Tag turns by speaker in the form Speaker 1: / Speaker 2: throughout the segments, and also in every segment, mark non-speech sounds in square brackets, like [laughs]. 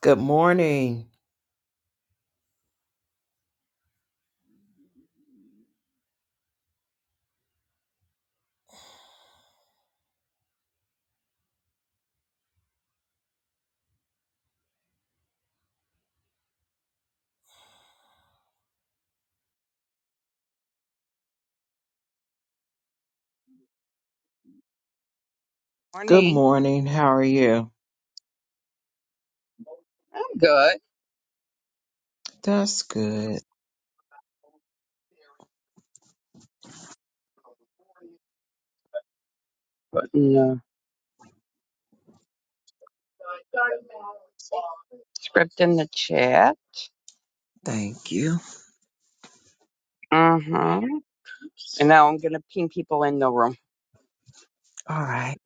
Speaker 1: Good morning. Good
Speaker 2: Morning.
Speaker 1: morning. How are you?
Speaker 2: I'm good.
Speaker 1: That's good.
Speaker 2: Putting the script in the chat.
Speaker 1: Thank you.
Speaker 2: Uh huh. And now I'm gonna ping people in the room.
Speaker 1: All right.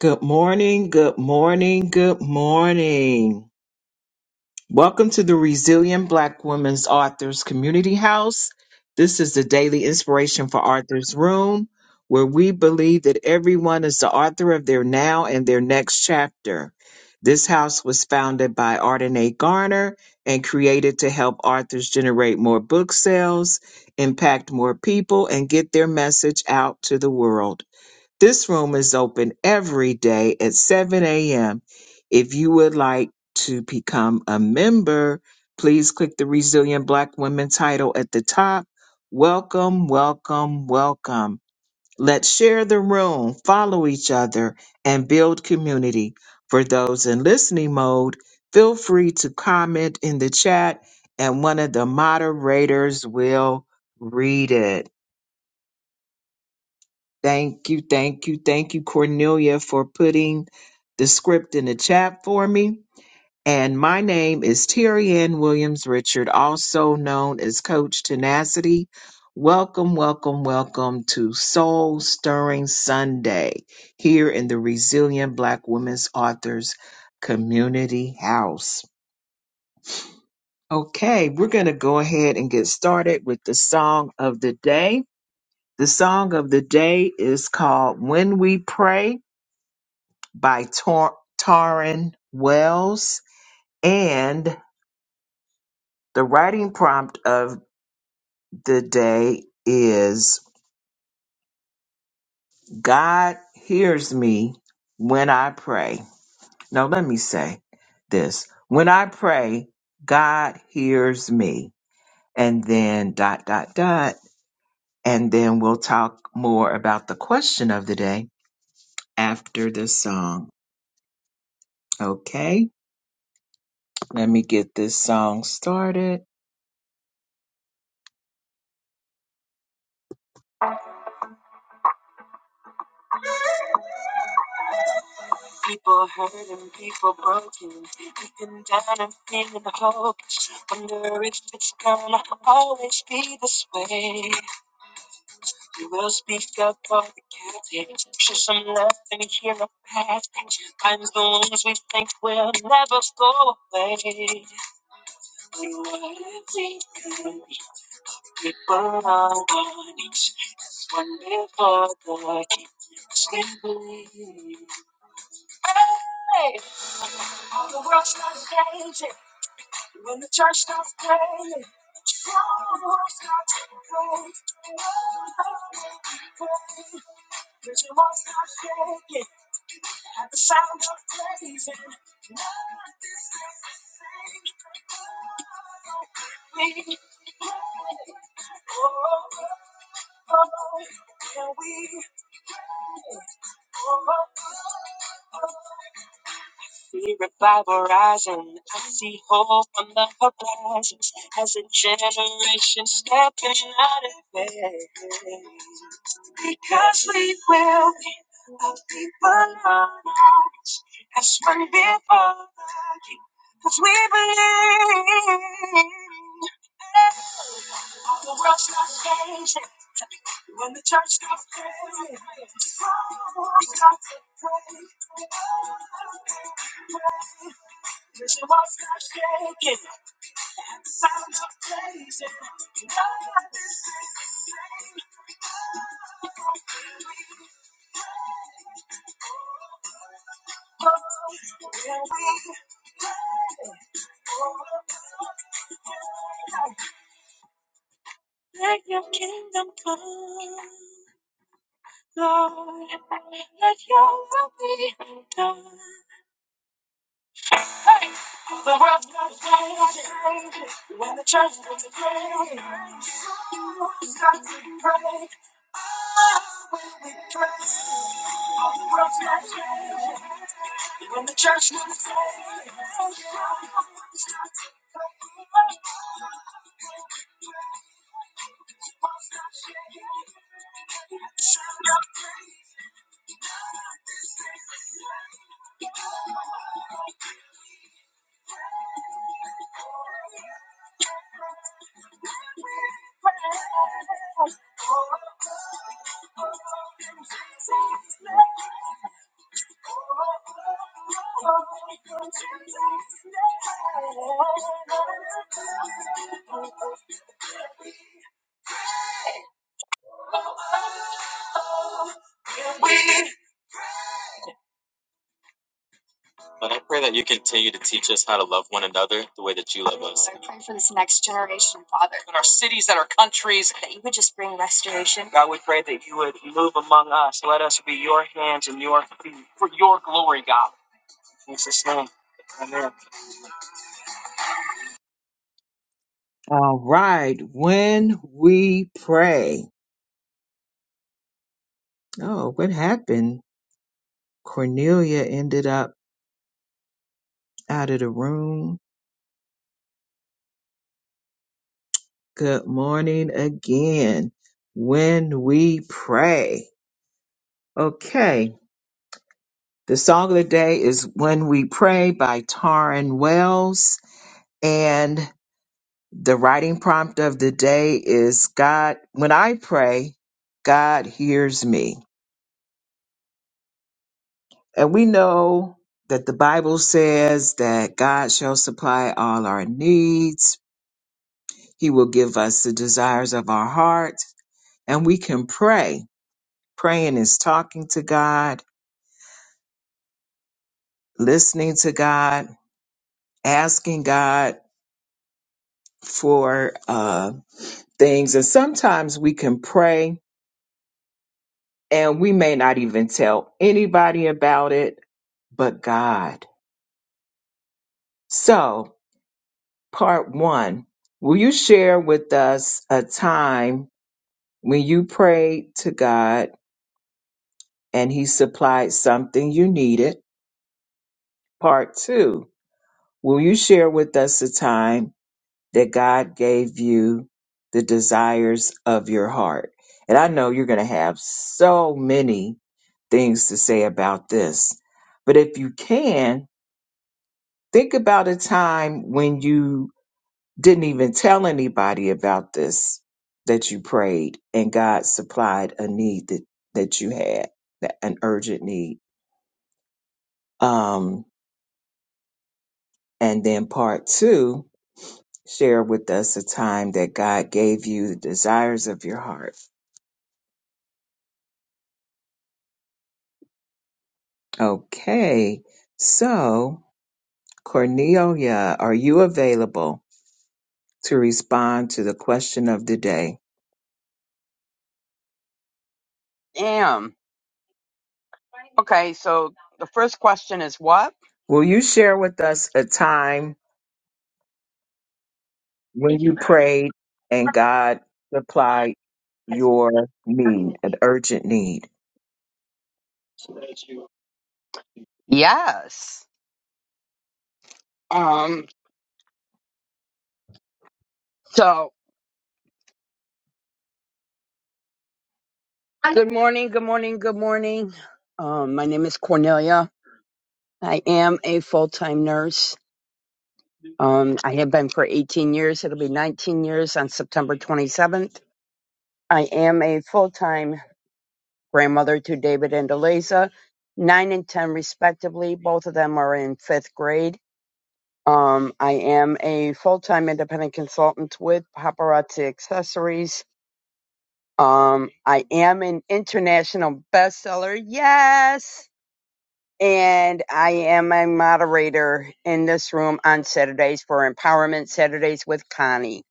Speaker 1: Good morning. Good morning. Good morning. Welcome to the Resilient Black Women's Authors Community House. This is the daily inspiration for Authors Room, where we believe that everyone is the author of their now and their next chapter. This house was founded by Arden A. Garner and created to help authors generate more book sales, impact more people, and get their message out to the world. This room is open every day at 7 a.m. If you would like to become a member, please click the Resilient Black Women title at the top. Welcome, welcome, welcome. Let's share the room, follow each other, and build community. For those in listening mode, feel free to comment in the chat, and one of the moderators will read it. Thank you, thank you, thank you, Cornelia, for putting the script in the chat for me. And my name is Terry Ann Williams Richard, also known as Coach Tenacity. Welcome, welcome, welcome to Soul Stirring Sunday here in the Resilient Black Women's Authors Community House. Okay, we're going to go ahead and get started with the song of the day. The song of the day is called When We Pray by Tor- Taryn Wells. And the writing prompt of the day is God hears me when I pray. Now, let me say this when I pray, God hears me. And then dot, dot, dot. And then we'll talk more about the question of the day after the song. Okay, let me get this song started. But I pray that you continue to teach us how to love one another the way that you love. All right, when we pray. Oh, what happened? Cornelia ended up out of the room. Good morning again. When we pray. Okay, the song of the day is When We Pray by Taryn Wells. And the writing prompt of the day is God, when I pray, God hears me. And we know that the Bible says that God shall supply all our needs. He will give us the desires of our heart. And we can pray. Praying is talking to God, listening to God, asking God for uh, things. And sometimes we can pray and we may not even tell anybody about it but God. So, part one, will you share with us a time? When you prayed to God and He supplied something you needed. Part two, will you share with us a time that God gave you the desires of your heart? And I know you're going to have so many things to say about this. But if you can, think about a time when you didn't even tell anybody about this that you prayed and God supplied a need that, that you had, that- an urgent need. Um, and then part two, share with us a time that God gave you the desires of your heart. Okay. So, Cornelia, are you available to respond to the question of the day?
Speaker 2: Damn. Okay, so the first question is what?
Speaker 1: Will you share with us a time when you prayed and God supplied your need, an urgent need?
Speaker 2: Yes. Um. So good morning. Good morning. Good morning. Um. My name is Cornelia. I am a full-time nurse. Um. I have been for 18 years. It'll be 19 years on September 27th. I am a full-time grandmother to David and Eliza, nine and 10 respectively. Both of them are in fifth grade. Um, I am a full time independent consultant with Paparazzi Accessories. Um, I am an international bestseller. Yes. And I am a moderator in this room on Saturdays for Empowerment Saturdays with Connie.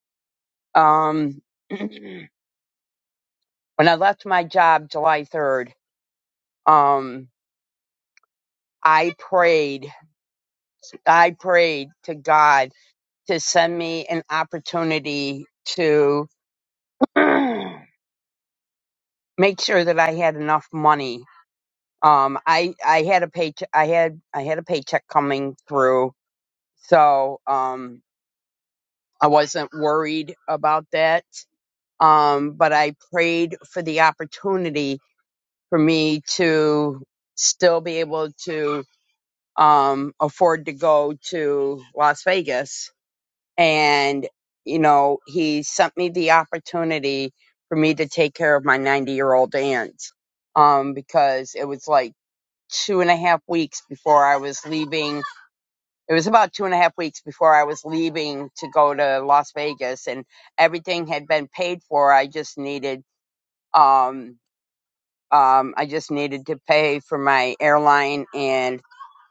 Speaker 2: Um, [clears throat] when I left my job July 3rd, um, I prayed I prayed to God to send me an opportunity to [clears throat] make sure that I had enough money. Um, I I had a paycheck. I had I had a paycheck coming through, so um, I wasn't worried about that. Um, but I prayed for the opportunity for me to still be able to um afford to go to Las Vegas and you know he sent me the opportunity for me to take care of my 90 year old aunt um because it was like two and a half weeks before i was leaving it was about two and a half weeks before i was leaving to go to las vegas and everything had been paid for i just needed um um i just needed to pay for my airline and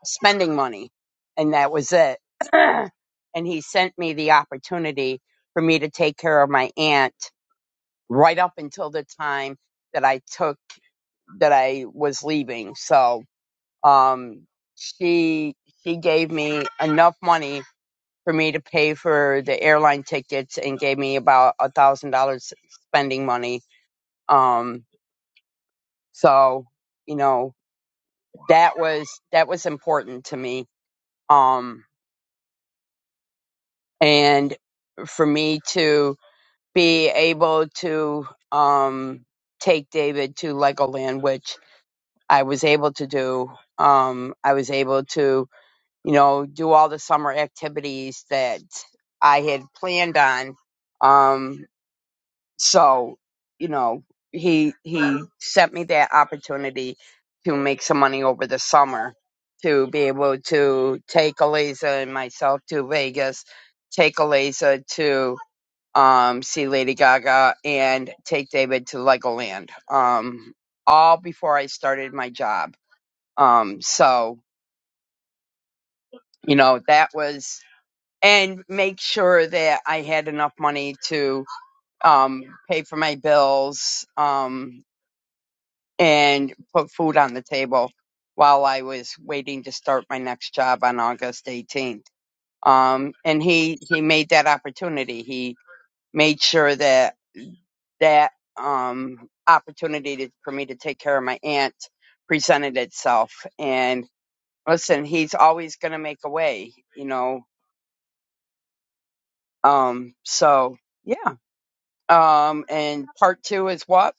Speaker 2: spending money. And that was it. [clears throat] and he sent me the opportunity for me to take care of my aunt right up until the time that I took that I was leaving. So, um, she, she gave me enough money for me to pay for the airline tickets and gave me about a thousand dollars spending money. Um, so, you know, that was, that was important to me. Um, and for me to be able to um, take David to Legoland, which I was able to do. Um, I was able to, you know, do all the summer activities that I had planned on. Um, so, you know, he he sent me that opportunity to make some money over the summer to be able to take Eliza and myself to Vegas, take Eliza to um, see Lady Gaga, and take David to Legoland. Um, all before I started my job. Um, so you know that was, and make sure that I had enough money to um, pay for my bills um, and put food on the table while I was waiting to start my next job on August 18th. Um, and he he made that opportunity. He made sure that that um, opportunity to, for me to take care of my aunt presented itself. And listen, he's always going to make a way, you know. Um, so yeah. Um, and part two is what?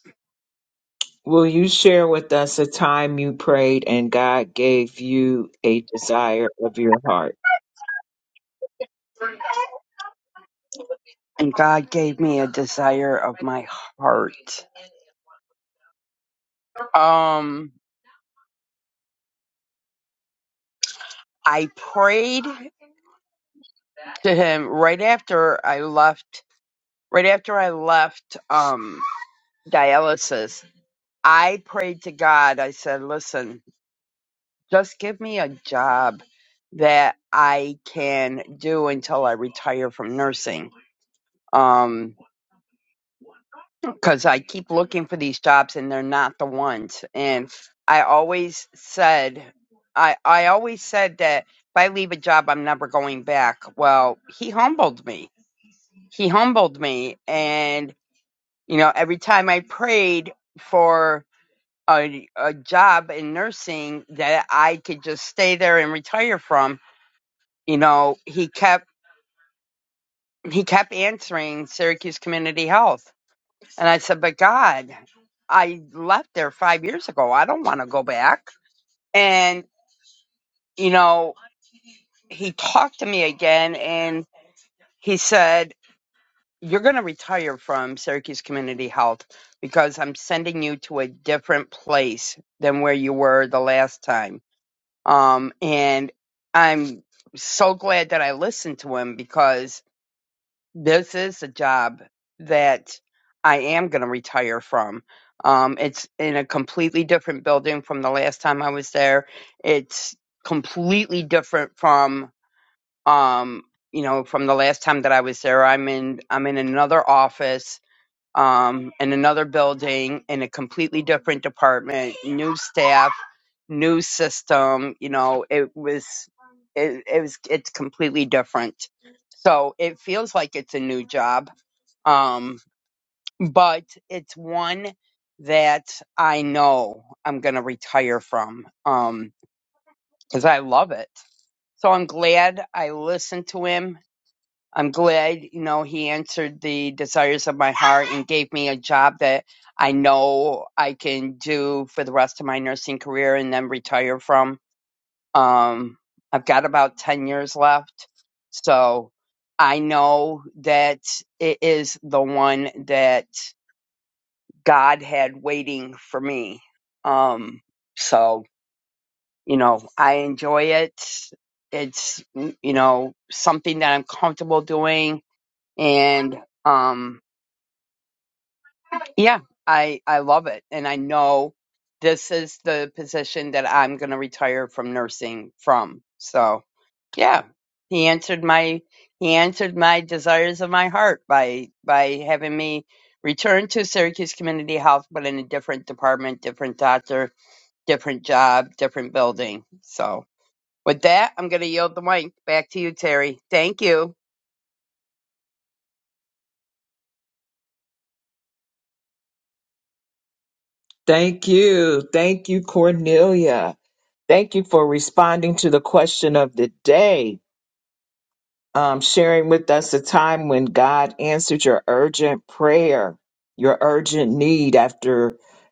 Speaker 1: Will you share with us a time you prayed and God gave you a desire of your heart?
Speaker 2: And God gave me a desire of my heart. Um, I prayed to him right after I left. Right after I left um, dialysis, I prayed to God. I said, "Listen, Just give me a job that I can do until I retire from nursing. Um, cause I keep looking for these jobs and they're not the ones. And I always said, I, I always said that if I leave a job, I'm never going back. Well, he humbled me. He humbled me. And, you know, every time I prayed for a, a job in nursing that I could just stay there and retire from, you know, he kept he kept answering Syracuse Community Health. And I said, But God, I left there five years ago. I don't want to go back. And, you know, he talked to me again and he said, You're gonna retire from Syracuse Community Health because I'm sending you to a different place than where you were the last time. Um and I'm so glad that I listened to him because this is a job that I am going to retire from. Um, it's in a completely different building from the last time I was there. It's completely different from, um, you know, from the last time that I was there. I'm in, I'm in another office um, in another building in a completely different department, new staff, new system. You know, it was it, it was it's completely different. So it feels like it's a new job, um, but it's one that I know I'm going to retire from um, because I love it. So I'm glad I listened to him I'm glad, you know, he answered the desires of my heart and gave me a job that I know I can do for the rest of my nursing career and then retire from. Um, I've got about 10 years left. So I know that it is the one that God had waiting for me. Um, so, you know, I enjoy it. It's, you know, something that I'm comfortable doing and um yeah i i love it and i know this is the position that i'm going to retire from nursing from so yeah he answered my he answered my desires of my heart by by having me return to syracuse community health but in a different department different doctor different job different building so with that i'm going to yield the mic back to you terry thank you
Speaker 1: Thank you. Thank you, Cornelia. Thank you for responding to the question of the day, um, sharing with us a time when God answered your urgent prayer, your urgent need after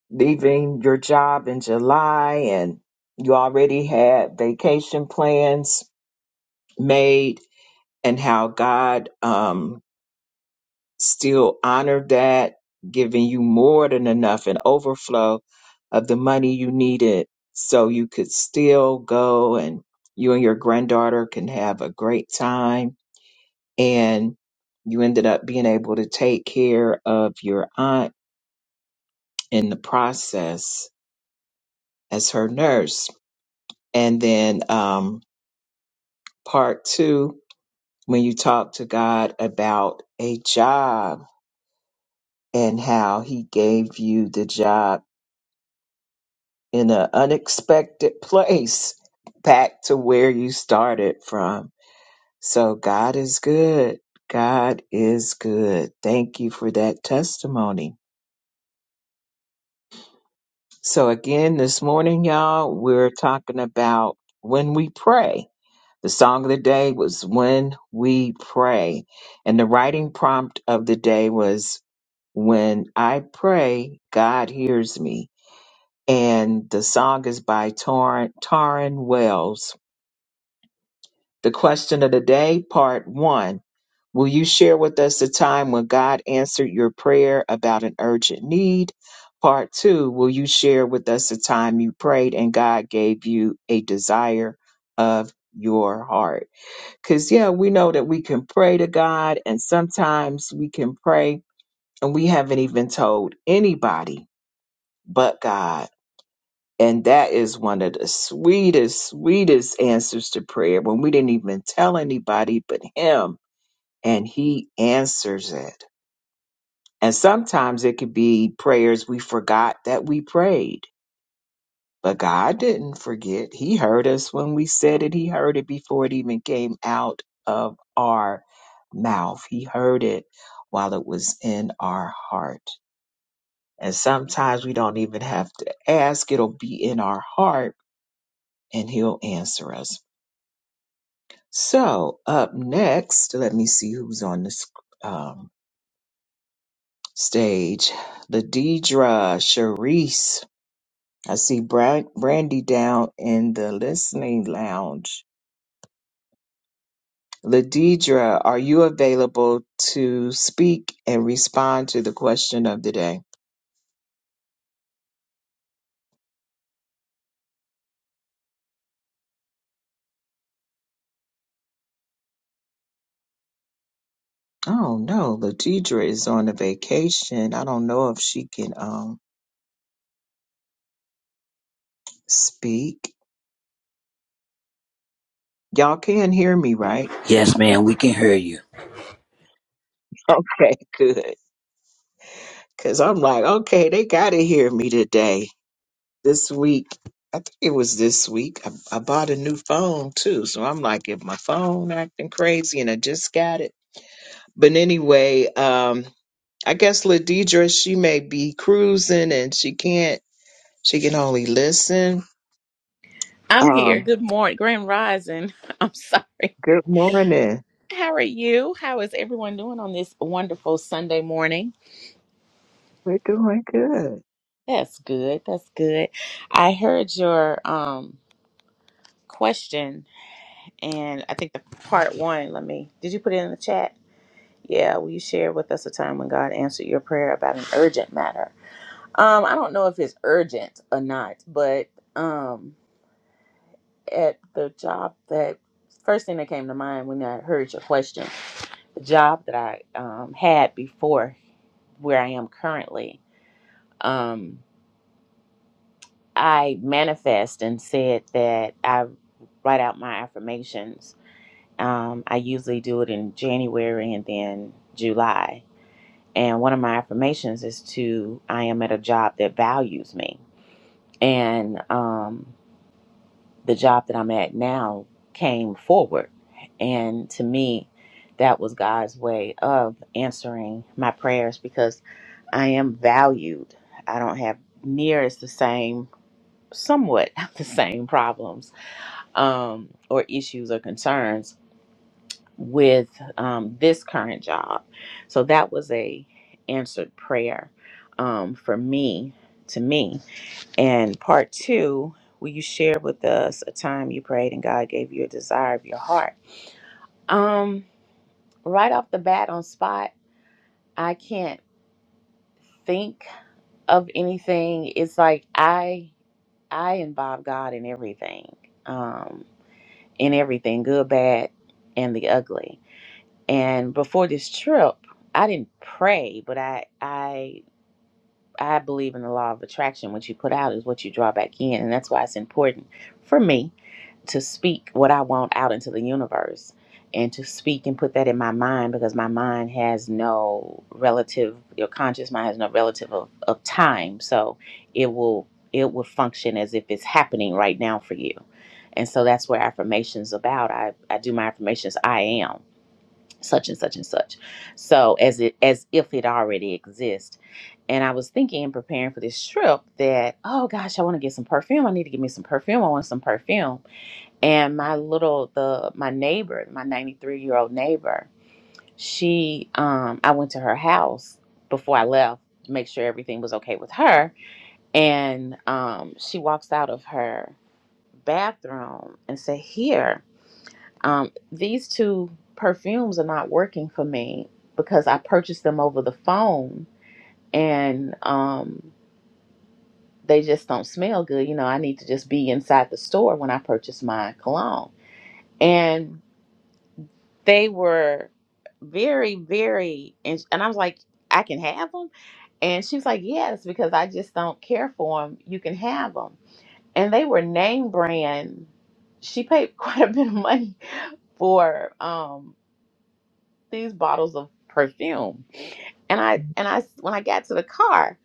Speaker 1: leaving your job in July, and you already had vacation plans made, and how God um, still honor that, giving you more than enough and overflow of the money you needed so you could still go and you and your granddaughter can have a great time. And you ended up being able to take care of your aunt in the process as her nurse. And then um, part two, when you talk to God about a job and how he gave you the job in an unexpected place back to where you started from. So God is good. God is good. Thank you for that testimony. So again, this morning, y'all, we're talking about when we pray. The song of the day was when we pray. And the writing prompt of the day was when I pray, God hears me. And the song is by Tor- Taryn Wells The question of the day, part one. Will you share with us the time when God answered your prayer about an urgent need? Part two. Will you share with us the time you prayed and God gave you a desire of your heart? Because, yeah, we know that we can pray to God, and sometimes we can pray and we haven't even told anybody but God. And that is one of the sweetest, sweetest answers to prayer when we didn't even tell anybody but Him and He answers it. And sometimes it could be prayers we forgot that we prayed, but God didn't forget. He heard us when we said it, He heard it before it even came out of our mouth. He heard it while it was in our heart. And sometimes we don't even have to ask, it'll be in our heart and He'll answer us. So up next, let me see who's on the sc- um, stage. Ladidra, Sharice. I see Bra- Brandy down in the listening lounge. Ladidra, are you available to speak and respond to the question of the day? Oh no, Ladidra is on a vacation. I don't know if she can um speak. Y'all can hear me, right?
Speaker 3: Yes, ma'am, we can hear you.
Speaker 1: [laughs] Okay, good. Cause I'm like, okay, they gotta hear me today. this week. I think it was this week. I, I bought a new phone too, so I'm like, if my phone acting crazy, and I just got it. But anyway, um, I guess Ladidra she may be cruising and she can't. She can only listen.
Speaker 4: I'm here.
Speaker 1: Um,
Speaker 4: Good morning. Grand Rising. [laughs] I'm sorry.
Speaker 1: good morning.
Speaker 4: How are you? How is everyone doing on this wonderful Sunday morning?
Speaker 1: We're doing good.
Speaker 4: That's good. That's good. I heard your um question and I think the part one, let me did you put it in the chat? Yeah, will you share with us a time when God answered your prayer about an urgent matter? Um, I don't know if it's urgent or not, but um at the job that first thing that came to mind when I heard your question job that I um, had before where I am currently, um, I manifest and said that I write out my affirmations. Um, I usually do it in January and then July. And one of my affirmations is to I am at a job that values me. And um, the job that I'm at now came forward. And to me, that was God's way of answering my prayers because I am valued. I don't have near as the same, somewhat [laughs] the same problems um, or issues or concerns with um, this current job. So that was a answered prayer um, for me to me. And part two, will you share with us a time you prayed and God gave you a desire of your heart? Um, right off the bat on spot, I can't think of anything. It's like I I involve God in everything, um, in everything, good, bad, and the ugly. And before this trip, I didn't pray, but I, I, I believe in the law of attraction. What you put out is what you draw back in, and that's why it's important for me to speak what I want out into the universe and to speak and put that in my mind because my mind has no relative your conscious mind has no relative of, of time. So it will it will function as if it's happening right now for you. And so that's where affirmations about. I, I do my affirmations I am such and such and such. So as it as if it already exists. And I was thinking and preparing for this trip that, oh gosh, I want to get some perfume. I need to get me some perfume. I want some perfume and my little the my neighbor my 93 year old neighbor she um i went to her house before i left to make sure everything was okay with her and um she walks out of her bathroom and said here um these two perfumes are not working for me because i purchased them over the phone and um they just don't smell good you know i need to just be inside the store when i purchase my cologne and They were very, very, and, and I was like, I can have them. And she was like, Yes, because I just don't care for them. You can have them. And they were name brand. She paid [laughs] quite a bit of money for um, these bottles of perfume. And I, and I, when I got to the car,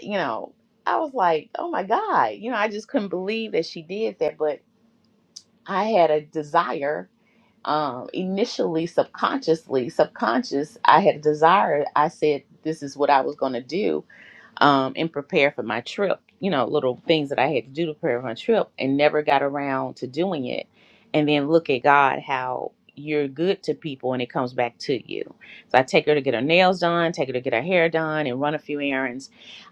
Speaker 4: you know, I was like, Oh my God, you know, I just couldn't believe that she did that. But I had a desire um, initially subconsciously subconscious i had a desire i said this is what i was going to do um, and prepare for my trip, you know, little things that I had to do to prepare for my trip and never got around to doing it. And then look at God, how you're good to people and it comes back to you. So I take her to get her nails done, take her to get her hair done, and run a few errands.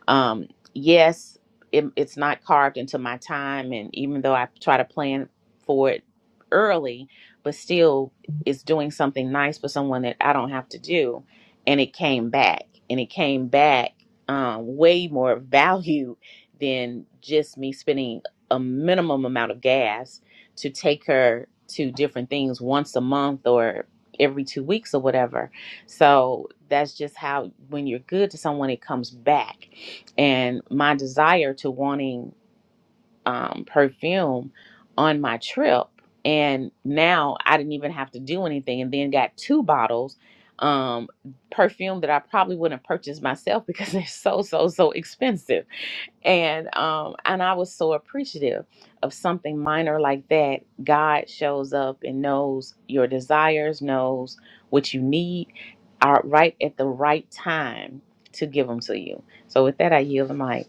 Speaker 4: Um, yes, it, it's not carved into my time. And even though I try to plan for it early, but still it's doing something nice for someone that I don't have to do. And it came back. And it came back um, way more value than just me spending a minimum amount of gas to take her to different things once a month or every two weeks or whatever. So that's just how when you're good to someone, it comes back. And my desire to wanting um, perfume on my trip. And now I didn't even have to do anything, and then got two bottles um perfume that I probably wouldn't have purchased myself because [laughs] they're so so so expensive. And um and I was so appreciative of something minor like that. God shows up and knows your desires, knows what you need are right at the right time to give them to you. So with that I yield the mic.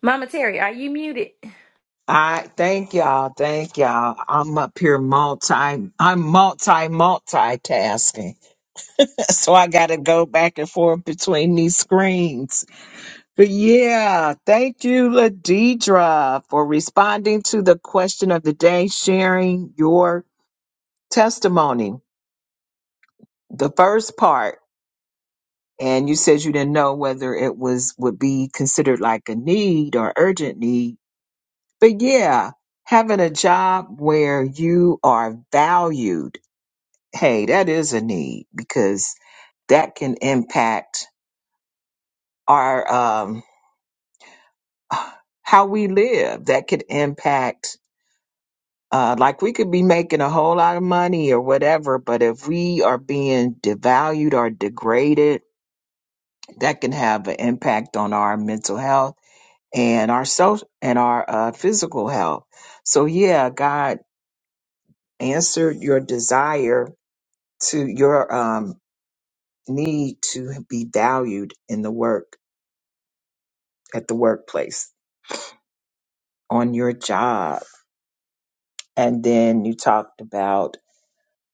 Speaker 5: Mama Terry, are you muted?
Speaker 1: I thank y'all. Thank y'all. I'm up here multi. I'm multi multitasking, [laughs] so I got to go back and forth between these screens Yeah, thank you, Ladidra, for responding to the question of the day, sharing your testimony. The first part, and you said you didn't know whether it was would be considered like a need or urgent need. But yeah, having a job where you are valued, hey, that is a need because that can impact our um [sighs] how we live. That could impact Uh, like we could be making a whole lot of money or whatever, but if we are being devalued or degraded, that can have an impact on our mental health and our social and our uh, physical health. So yeah, God answered your desire to your um, need to be valued in the work at the workplace on your job, and then you talked about.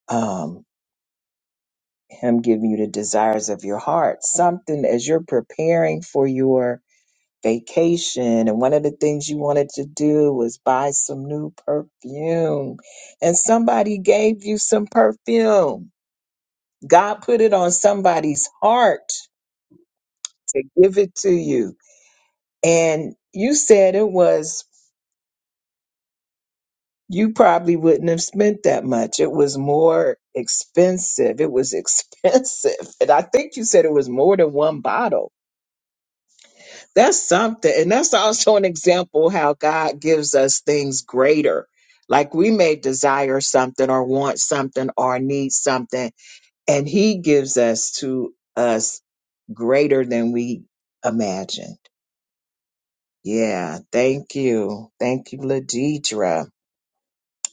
Speaker 1: Um, Him giving you the desires of your heart, something as you're preparing for your vacation. And one of the things you wanted to do was buy some new perfume. And somebody gave you some perfume. God put it on somebody's heart to give it to you. And you said it was, you probably wouldn't have spent that much. It was more expensive. It was expensive. [laughs] And I think you said it was more than one bottle That's something. And that's also an example how God gives us things greater. Like we may desire something or want something or need something, and He gives us to us greater than we imagined. Yeah. Thank you. Thank you, Ladidra.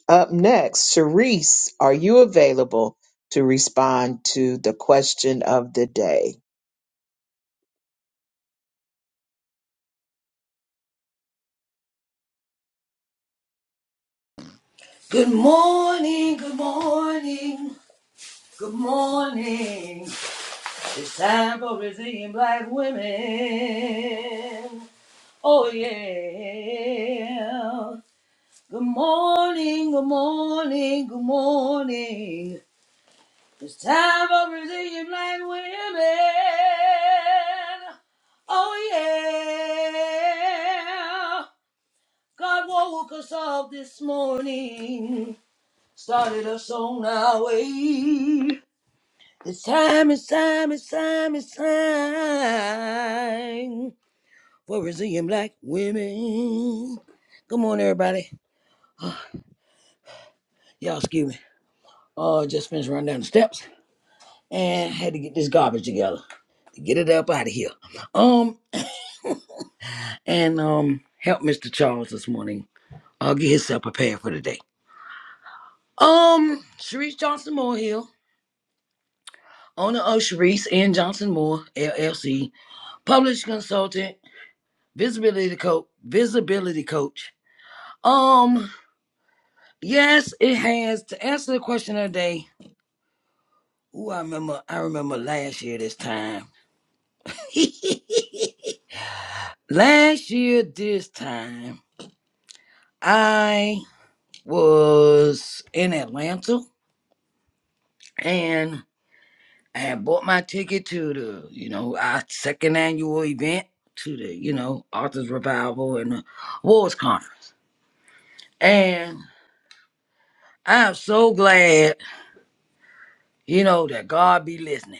Speaker 1: Up next, Sharice, are you available to respond to the question of the day?
Speaker 3: Good morning, good morning, good morning. It's time for Brazilian black women. Oh, yeah. Good morning, good morning, good morning. It's time for Brazilian black women. Oh, yeah. God woke us up this morning started us on our way. It's time it's time it's time it's time for resilient black women. Good morning, everybody. Y'all, excuse me. Uh, just finished running down the steps and had to get this garbage together. Get it up out of here. Um, and um, help Mr. Charles this morning. I'll get himself prepared for the day. Um, Sharice Johnson Moore Hill, owner of Sharice and Johnson Moore LLC, published consultant Visibility coach. Visibility coach. Um, yes, it has. To answer the question of the day, ooh, I remember. I remember last year this time. [laughs] last year this time, I was in Atlanta and I had bought my ticket to the, you know, our second annual event to the, you know, Authors Revival and the Awards Conference. And I'm so glad, you know, that God be listening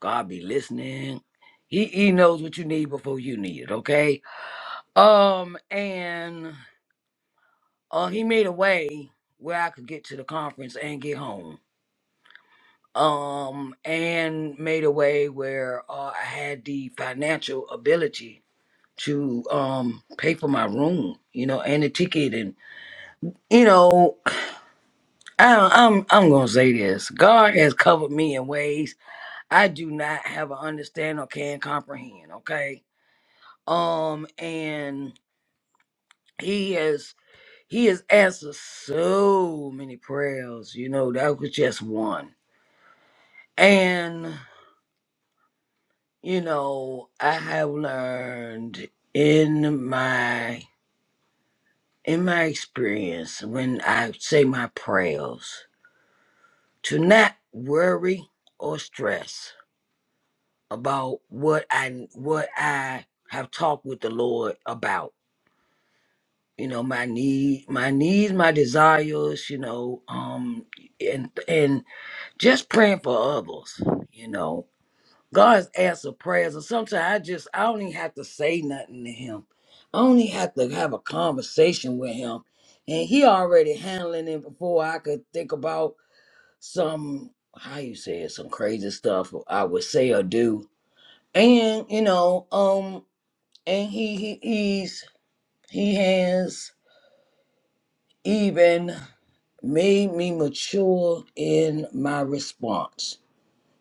Speaker 3: God be listening. He he knows what you need before you need it, okay? Um, and uh he made a way where I could get to the conference and get home. Um, and made a way where uh, I had the financial ability to um pay for my room, you know, and the ticket and you know, I, I'm I'm gonna say this. God has covered me in ways I do not have an understand or can comprehend, okay? Um and he has he has answered so many prayers you know that was just one and you know i have learned in my in my experience when i say my prayers to not worry or stress about what i what i have talked with the lord about you know my need my needs my desires you know um and and just praying for others, you know. God's answer prayers, and sometimes I just I don't even have to say nothing to him. I only have to have a conversation with him, and he already handling it before I could think about some how you say it, some crazy stuff I would say or do. And you know, um, and he he he's he has even made me mature in my response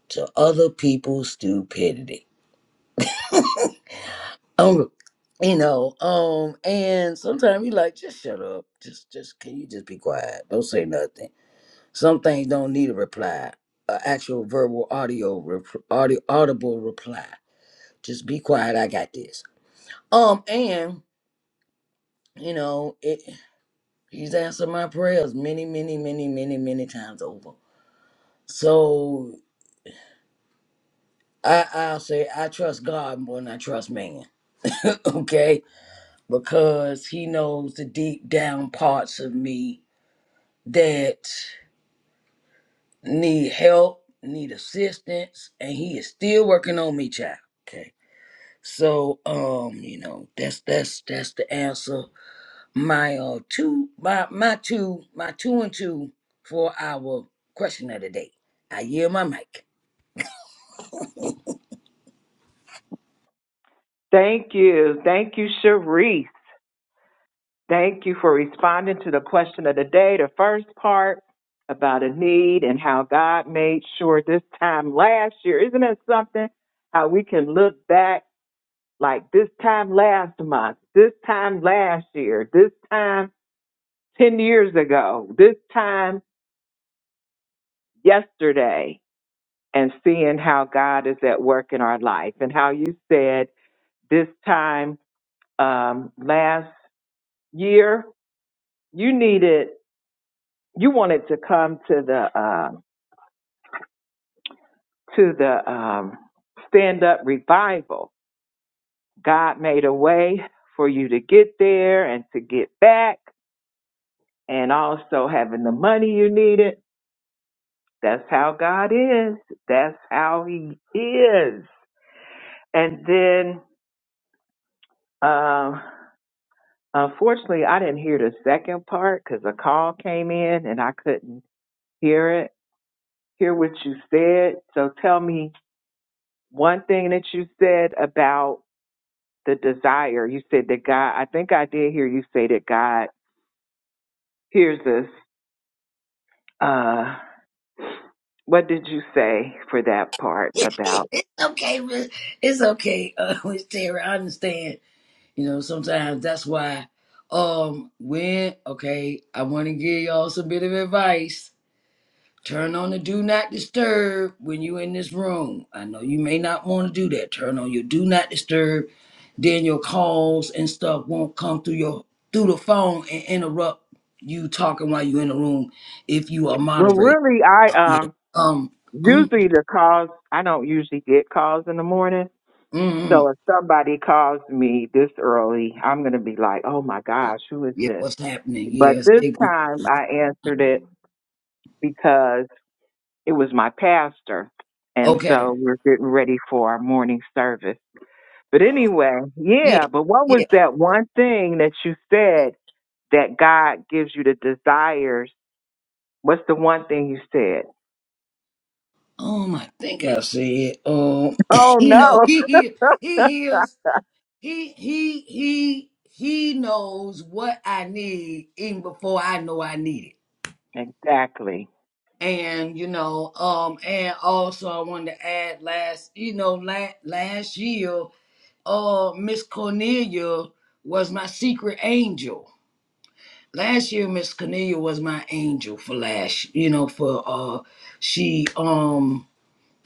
Speaker 3: to other people's stupidity. Um, you know, um, and sometimes you like, just shut up. Just, just, can you just be quiet? Don't say nothing. Some things don't need a reply, a actual verbal, audio, rep- audio, audible reply. Just be quiet. I got this. Um, and you know, it, he's answered my prayers many, many, many, many, many times over. So I, I'll say, I trust God more than I trust man. [laughs] Okay because he knows the deep down parts of me that need help, need assistance, and he is still working on me, child. Okay. So um, you know, that's that's that's the answer. My uh two my my two my two and two for our question of the day. I yield my mic.
Speaker 1: Thank you. Thank you, Sharice. Thank you for responding to the question of the day, the first part about a need and how God made sure this time last year. Isn't it something how we can look back like this time last month, this time last year, this time 10 years ago, this time yesterday, and seeing how God is at work in our life and how you said this time um, last year, you needed, you wanted to come to the, um, to the um, stand up revival. God made a way for you to get there and to get back, and also having the money you needed. That's how God is. That's how He is. And then, um, unfortunately, I didn't hear the second part because a call came in and I couldn't hear it, hear what you said. So tell me one thing that you said about. the desire. You said that God, I think I did hear you say that God hears us. Uh, what did you say for that part
Speaker 3: [laughs]
Speaker 1: about?
Speaker 3: It's okay, Miss- it's okay, uh [laughs] Miss Terry. I understand. You know, sometimes that's why um when okay, I want to give y'all some bit of advice. Turn on the do not disturb when you in this room. I know you may not want to do that. Turn on your do not disturb, then your calls and stuff won't come through your through the phone and interrupt you talking while you in the room if you are
Speaker 1: Well,
Speaker 3: moderated.
Speaker 1: really, I
Speaker 3: Yeah.
Speaker 1: um
Speaker 3: Um mm,
Speaker 1: usually the calls. I don't usually get calls in the morning.
Speaker 3: mm,
Speaker 1: So if somebody calls me this early, I'm gonna be like, "Oh my
Speaker 3: mm.
Speaker 1: gosh, who is
Speaker 3: yeah,
Speaker 1: this?"
Speaker 3: what's happening?
Speaker 1: But
Speaker 3: Yes.
Speaker 1: this
Speaker 3: it-
Speaker 1: time I answered it because it was my pastor, and
Speaker 3: okay.
Speaker 1: so we're getting ready for our morning service. But anyway,
Speaker 3: Yeah.
Speaker 1: yeah, but
Speaker 3: Yeah.
Speaker 1: what was that one thing that you said that God gives you the desires? What's the one thing you said? [laughs]
Speaker 3: Um, I think I said, um, [coughs]
Speaker 1: Oh
Speaker 3: you
Speaker 1: no.
Speaker 3: know, he he he hears, he he he he knows what I need even before I know I need
Speaker 1: Exactly.
Speaker 3: it. And you know, um, and also I wanted to add last, you know, last last year, uh, Miss Cornelia was my secret angel. Last year, Miss Cornelia was my angel for last, you know, for uh, she um.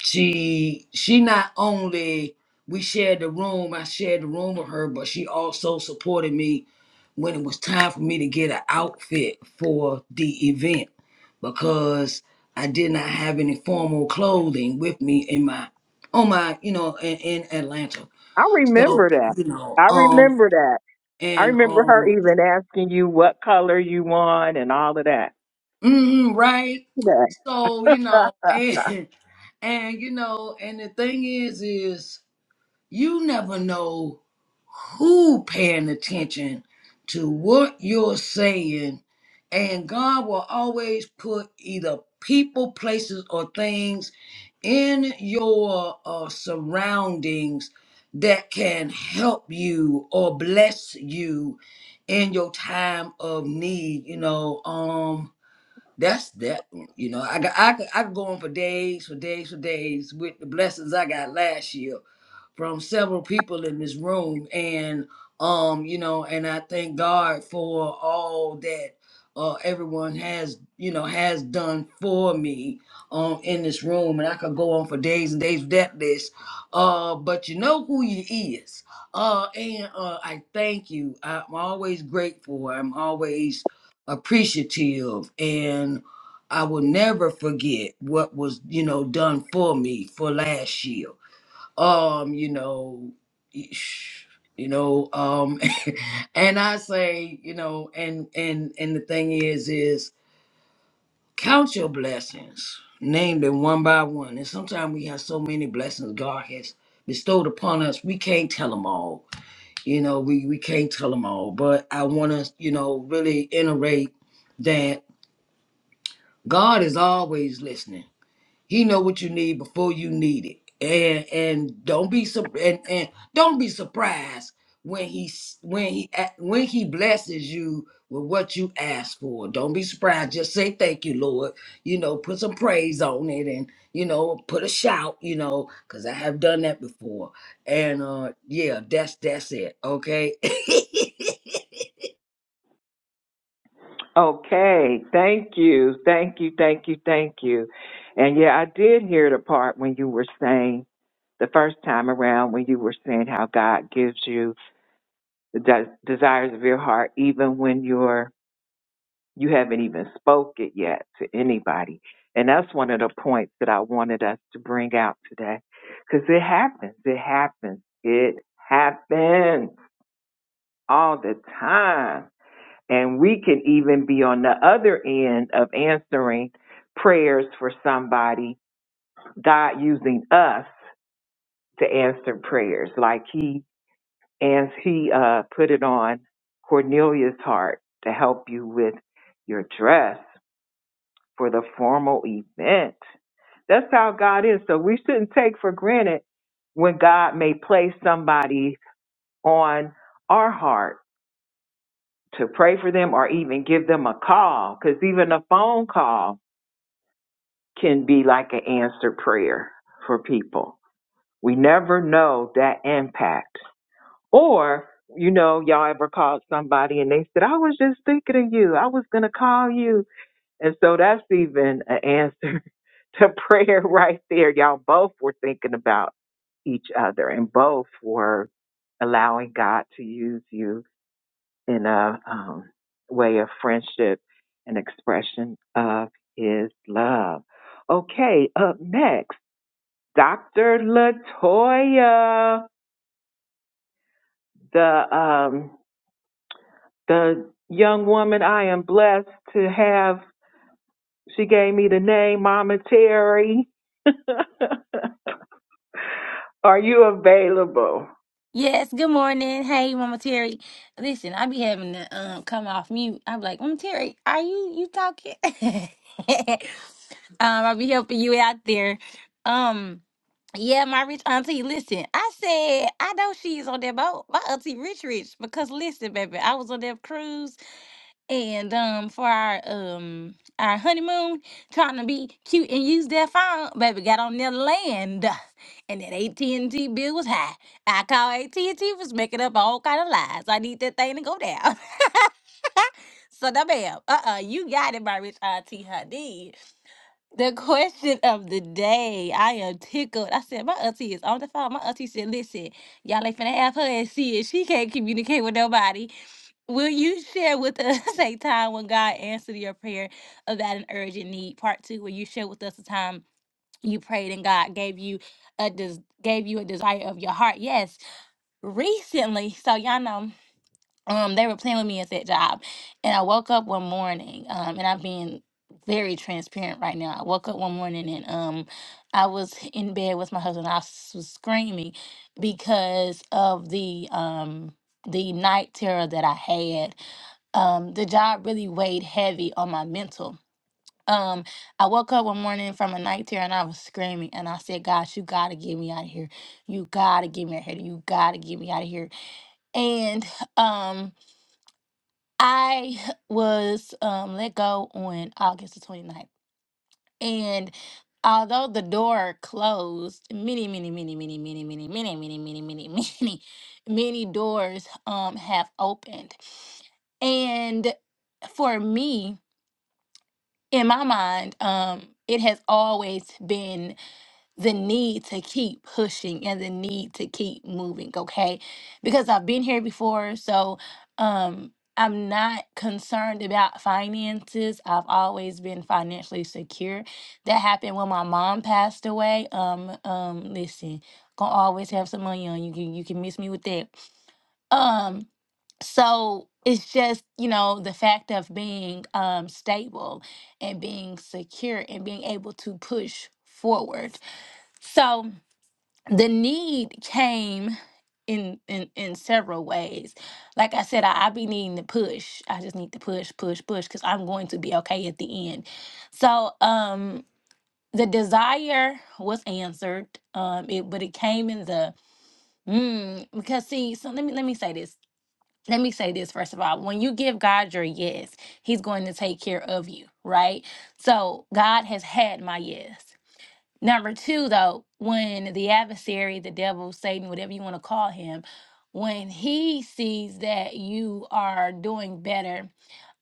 Speaker 3: she she not only we shared the room i shared the room with her but she also supported me when it was time for me to get an outfit for the event because i did not have any formal clothing with me in my on my you know in, in atlanta
Speaker 1: I
Speaker 3: so
Speaker 1: remember that.
Speaker 3: you know
Speaker 1: I
Speaker 3: um
Speaker 1: remember that. I
Speaker 3: and
Speaker 1: remember her
Speaker 3: um
Speaker 1: even asking you what color you want and all of that.
Speaker 3: mm, right
Speaker 1: Yeah.
Speaker 3: so you know and [laughs] and you know and the thing is is you never know who paying attention to what you're saying and god will always put either people places or things in your uh, surroundings that can help you or bless you in your time of need you know um that's that you know i got i could, I could go on for days for days for days with the blessings i got last year from several people in this room and um you know and i thank god for all that uh everyone has you know has done for me um in this room and i could go on for days and days with that list uh but you know who you is uh and uh i thank you i'm always grateful i'm always appreciative and i will never forget what was you know done for me for last year um, you know, eesh, you know, um, [laughs] and I say, you know, and and and the thing is, is count your blessings, name them one by one. And sometimes we have so many blessings God has bestowed upon us, we can't tell them all. You know, we we can't tell them all. But I want to, you know, really iterate that God is always listening. He know what you need before you need it. And and don't be sur- and, and don't be surprised when he s- when he a- when he blesses you with what you ask for. Don't be surprised. Just say thank you, Lord. You know, put some praise on it and you know, put a shout, you know, cuz I have done that before. And uh yeah, that's that's it. Okay? [laughs]
Speaker 1: Okay. Thank you. Thank you. Thank you. Thank you. And yeah, I did hear the part when you were saying the first time around when you were saying how God gives you the de- desires of your heart, even when you're you haven't even spoke it yet to anybody. And that's one of the points that I wanted us to bring out today, because it happens. It happens. It happens all the time, and we can even be on the other end of answering prayers for somebody. God using us to answer prayers, like He and he uh, put it on Cornelia's heart to help you with your dress for the formal event. That's how God is. So we shouldn't take for granted when God may place somebody on our heart to pray for them or even give them a call, because even a phone call can be like an answered prayer for people. We never know that impact. Or, you know, y'all ever called somebody and they said, I was just thinking of you. I was going to call you. And so that's even an answer [laughs] to prayer right there. Y'all both were thinking about each other and both were allowing God to use you in a um, way of friendship and expression of his love. Okay, up next, Dr. Latoya, the um. the young woman I am blessed to have. She gave me the name Mama Terry. [laughs] Are you available?
Speaker 5: Yes, good morning. Hey, Mama Terry. Listen, I be having to um come off mute. I'm like, Mama Terry, are you you talking? [laughs] um, i be helping you out there. Um, yeah, my rich auntie, listen, I said I know she's on that boat. My auntie rich rich, because listen, baby, I was on that cruise and um for our um our honeymoon, trying to be cute and use that phone, baby got on their land, and that AT and T bill was high. I call AT and T was making up all kind of lies. I need that thing to go down. [laughs] so the bam, uh uh, you got it, my rich auntie Honey. The question of the day, I am tickled. I said my auntie is on the phone. My auntie said, "Listen, y'all ain't finna have her and see it. She can't communicate with nobody." Will you share with us [laughs] a time when God answered your prayer about an urgent need? Part two, will you share with us a time you prayed and God gave you a des- gave you a desire of your heart? Yes, recently. So y'all know, um, they were playing with me at that job, and I woke up one morning, um, and I'm being very transparent right now. I woke up one morning and um, I was in bed with my husband. I s- was screaming because of the um the night terror that I had um, the job really weighed heavy on my mental. Um, I woke up one morning from a night terror and I was screaming and I said, God, you gotta get me out of here. You gotta get me out of here. You gotta get me out of here. And um I was um let go on August the twenty ninth. And although the door closed many, many, many, many, many, many, many, many, many, many, [laughs] many, many doors um have opened. And for me, in my mind, um, it has always been the need to keep pushing and the need to keep moving, okay? Because I've been here before, so um I'm not concerned about finances. I've always been financially secure. That happened when my mom passed away. Um, um, listen, gonna always have some money on you. Can you can miss me with that. Um, so it's just you know the fact of being um stable and being secure and being able to push forward so the need came in in in several ways like i said i, I be needing to push i just need to push push push because i'm going to be okay at the end so um the desire was answered um it but it came in the mm, because see so let me let me say this let me say this first of all when you give god your yes he's going to take care of you right so god has had my yes Number two, though, when the adversary, the devil, Satan, whatever you want to call him, when he sees that you are doing better,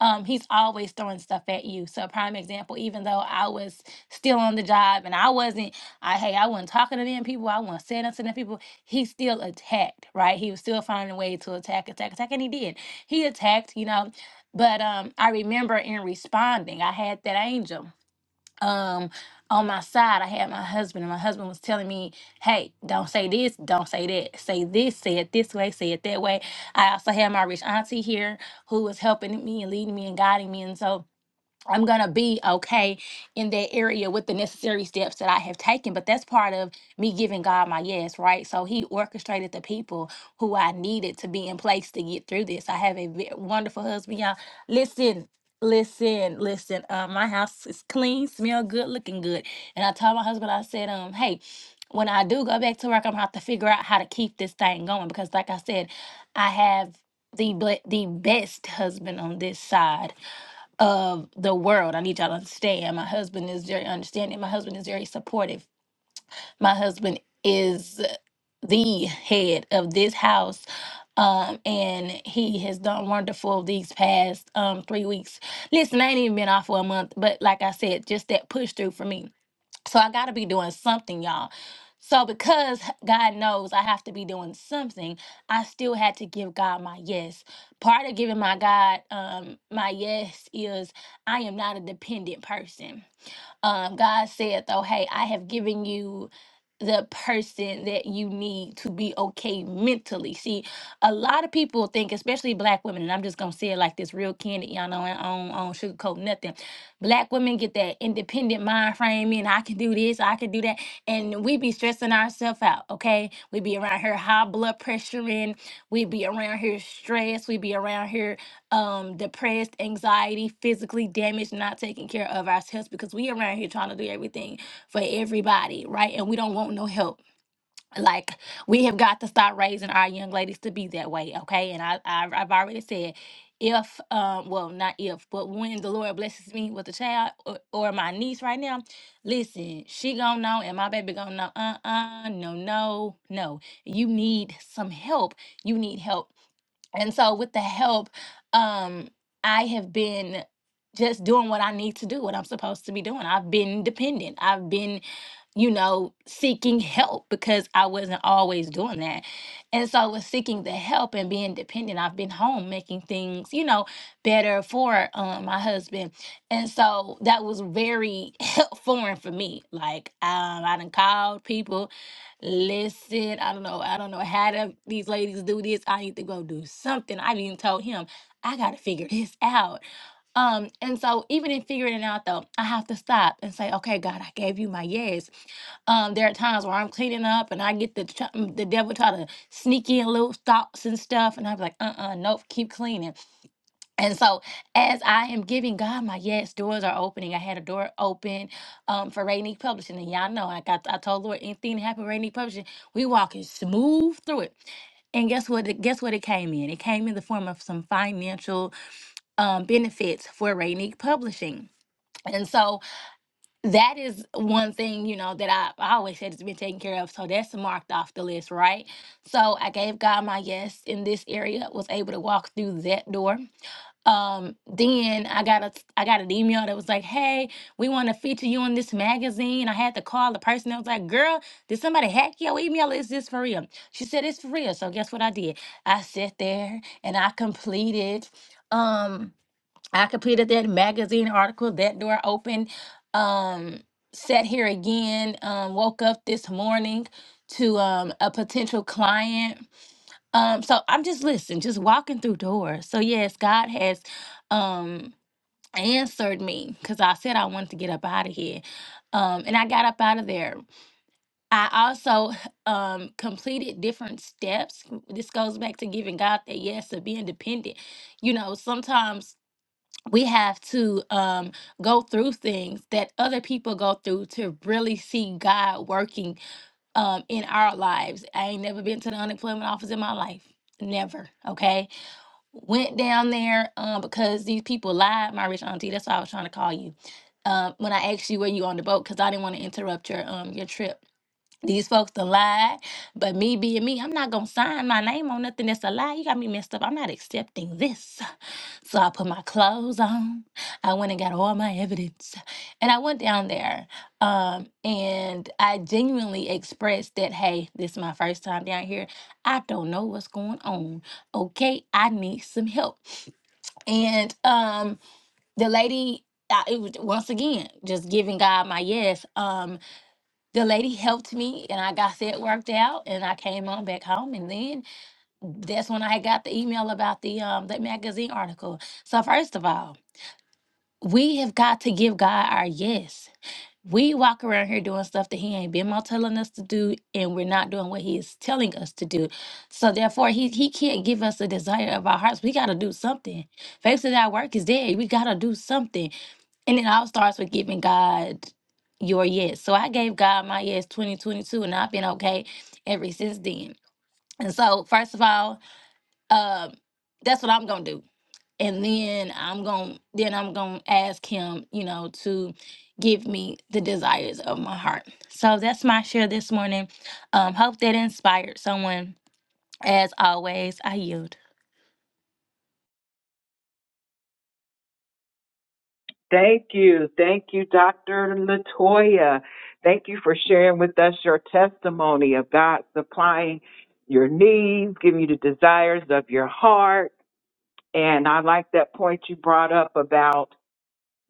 Speaker 5: um, he's always throwing stuff at you. So, prime example, even though I was still on the job and I wasn't, I hey, I wasn't talking to them people, I wasn't saying nothing to them people, he still attacked, right? He was still finding a way to attack, attack, attack, and he did. He attacked, you know. But um, I remember in responding, I had that angel um on my side i had my husband and my husband was telling me hey don't say this don't say that say this say it this way say it that way i also had my rich auntie here who was helping me and leading me and guiding me and so I'm going to be okay in that area with the necessary steps that I have taken. But that's part of me giving God my yes, right? So He orchestrated the people who I needed to be in place to get through this. I have a ve- wonderful husband, y'all. Listen. Listen, listen. Uh, my house is clean, smell good, looking good. And I told my husband, I said, um, hey, when I do go back to work, I'm gonna have to figure out how to keep this thing going because, like I said, I have the ble- the best husband on this side of the world. I need y'all to understand. My husband is very understanding. My husband is very supportive. My husband is the head of this house. Um, and he has done wonderful these past um three weeks. Listen, I ain't even been off for a month, but like I said, just that push through for me. So I got to be doing something, y'all. So because God knows I have to be doing something, I still had to give God my yes. Part of giving my God um, my yes is I am not a dependent person. Um, God said though, hey, I have given you the person that you need to be okay mentally. See, a lot of people think, especially black women, and I'm just gonna say it like this real candid, y'all know I don't, I don't sugarcoat nothing. Black women get that independent mind frame and I can do this, I can do that. And we be stressing ourselves out, okay? We be around here high blood pressure in, we be around here stressed, we be around here um depressed, anxiety, physically damaged, not taking care of ourselves because we around here trying to do everything for everybody, right? And we don't want no help. Like we have got to start raising our young ladies to be that way, okay? And I, I I've already said, if um, well, not if, but when the Lord blesses me with a child or, or my niece right now, listen, she gonna know, and my baby gonna know. Uh uh, no no no. You need some help. You need help. And so with the help, um, I have been just doing what I need to do, what I'm supposed to be doing. I've been dependent. I've been you know, seeking help because I wasn't always doing that. And so with seeking the help and being dependent. I've been home making things, you know, better for um, my husband. And so that was very [laughs] help- foreign for me. Like, um, I done called people, listen, I don't know, I don't know how to, these ladies do this. I need to go do something. I even told him, I got to figure this out. Um, and so even in figuring it out though, I have to stop and say, okay, God, I gave you my yes. Um, there are times where I'm cleaning up and I get the tr- mm, the devil try to sneak in little thoughts and stuff, and I'm like, uh, uh nope, keep cleaning. And so, as I am giving God my yes, doors are opening. I had a door open um, for Rainy Publishing, and y'all know I got I told Lord anything that happened with Rainy Publishing, we walking smooth through it. And guess what? it- Guess what? It came in. It came in the form of some financial um, benefits for Rainique Publishing. And so that is one thing you know that I, I always said it's been taken care of so that's marked off the list right so i gave god my yes in this area was able to walk through that door um then i got a i got an email that was like hey we want to feature you in this magazine i had to call the person that was like girl did somebody hack your email is this for real she said it's for real so guess what i did i sat there and i completed um I completed that magazine article. That door opened. Um, sat here again. Um, woke up this morning to um, a potential client. Um, so I'm just listening, just walking through doors. So yes, God has um, answered me because I said I wanted to get up out of here, um, and I got up out of there. I also um, completed different steps. This goes back to giving God that yes, of being dependent. You know, sometimes we have to um, go through things that other people go through to really see God working um, in our lives. I ain't never been to the unemployment office in my life. Never. Okay. Went down there um, because these people lied, my rich auntie. That's why I was trying to call you. Um, when I asked you were you on the boat, because I didn't want to interrupt your um your trip. These folks to lie, but me being me, I'm not gonna sign my name on nothing that's a lie. You got me messed up. I'm not accepting this. So I put my clothes on. I went and got all my evidence. And I went down there. Um, and I genuinely expressed that, hey, this is my first time down here. I don't know what's going on. Okay, I need some help. And um, the lady, I, it was, once again, just giving God my yes. Um, the lady helped me and I got that worked out and I came on back home. And then that's when I got the email about the um, that magazine article. So, first of all, we have got to give God our yes. We walk around here doing stuff that He ain't been more telling us to do, and we're not doing what He is telling us to do. So therefore, He He can't give us the desire of our hearts. We got to do something. Faith without work is dead. We got to do something, and it all starts with giving God your yes. So I gave God my yes 2022, and I've been okay ever since then. And so, first of all, um, that's what I'm gonna do and then I'm going then I'm going to ask him, you know, to give me the desires of my heart. So that's my share this morning. Um hope that inspired someone. As always, I yield.
Speaker 1: Thank you. Thank you, Dr. Latoya. Thank you for sharing with us your testimony of God supplying your needs, giving you the desires of your heart. And I like that point you brought up about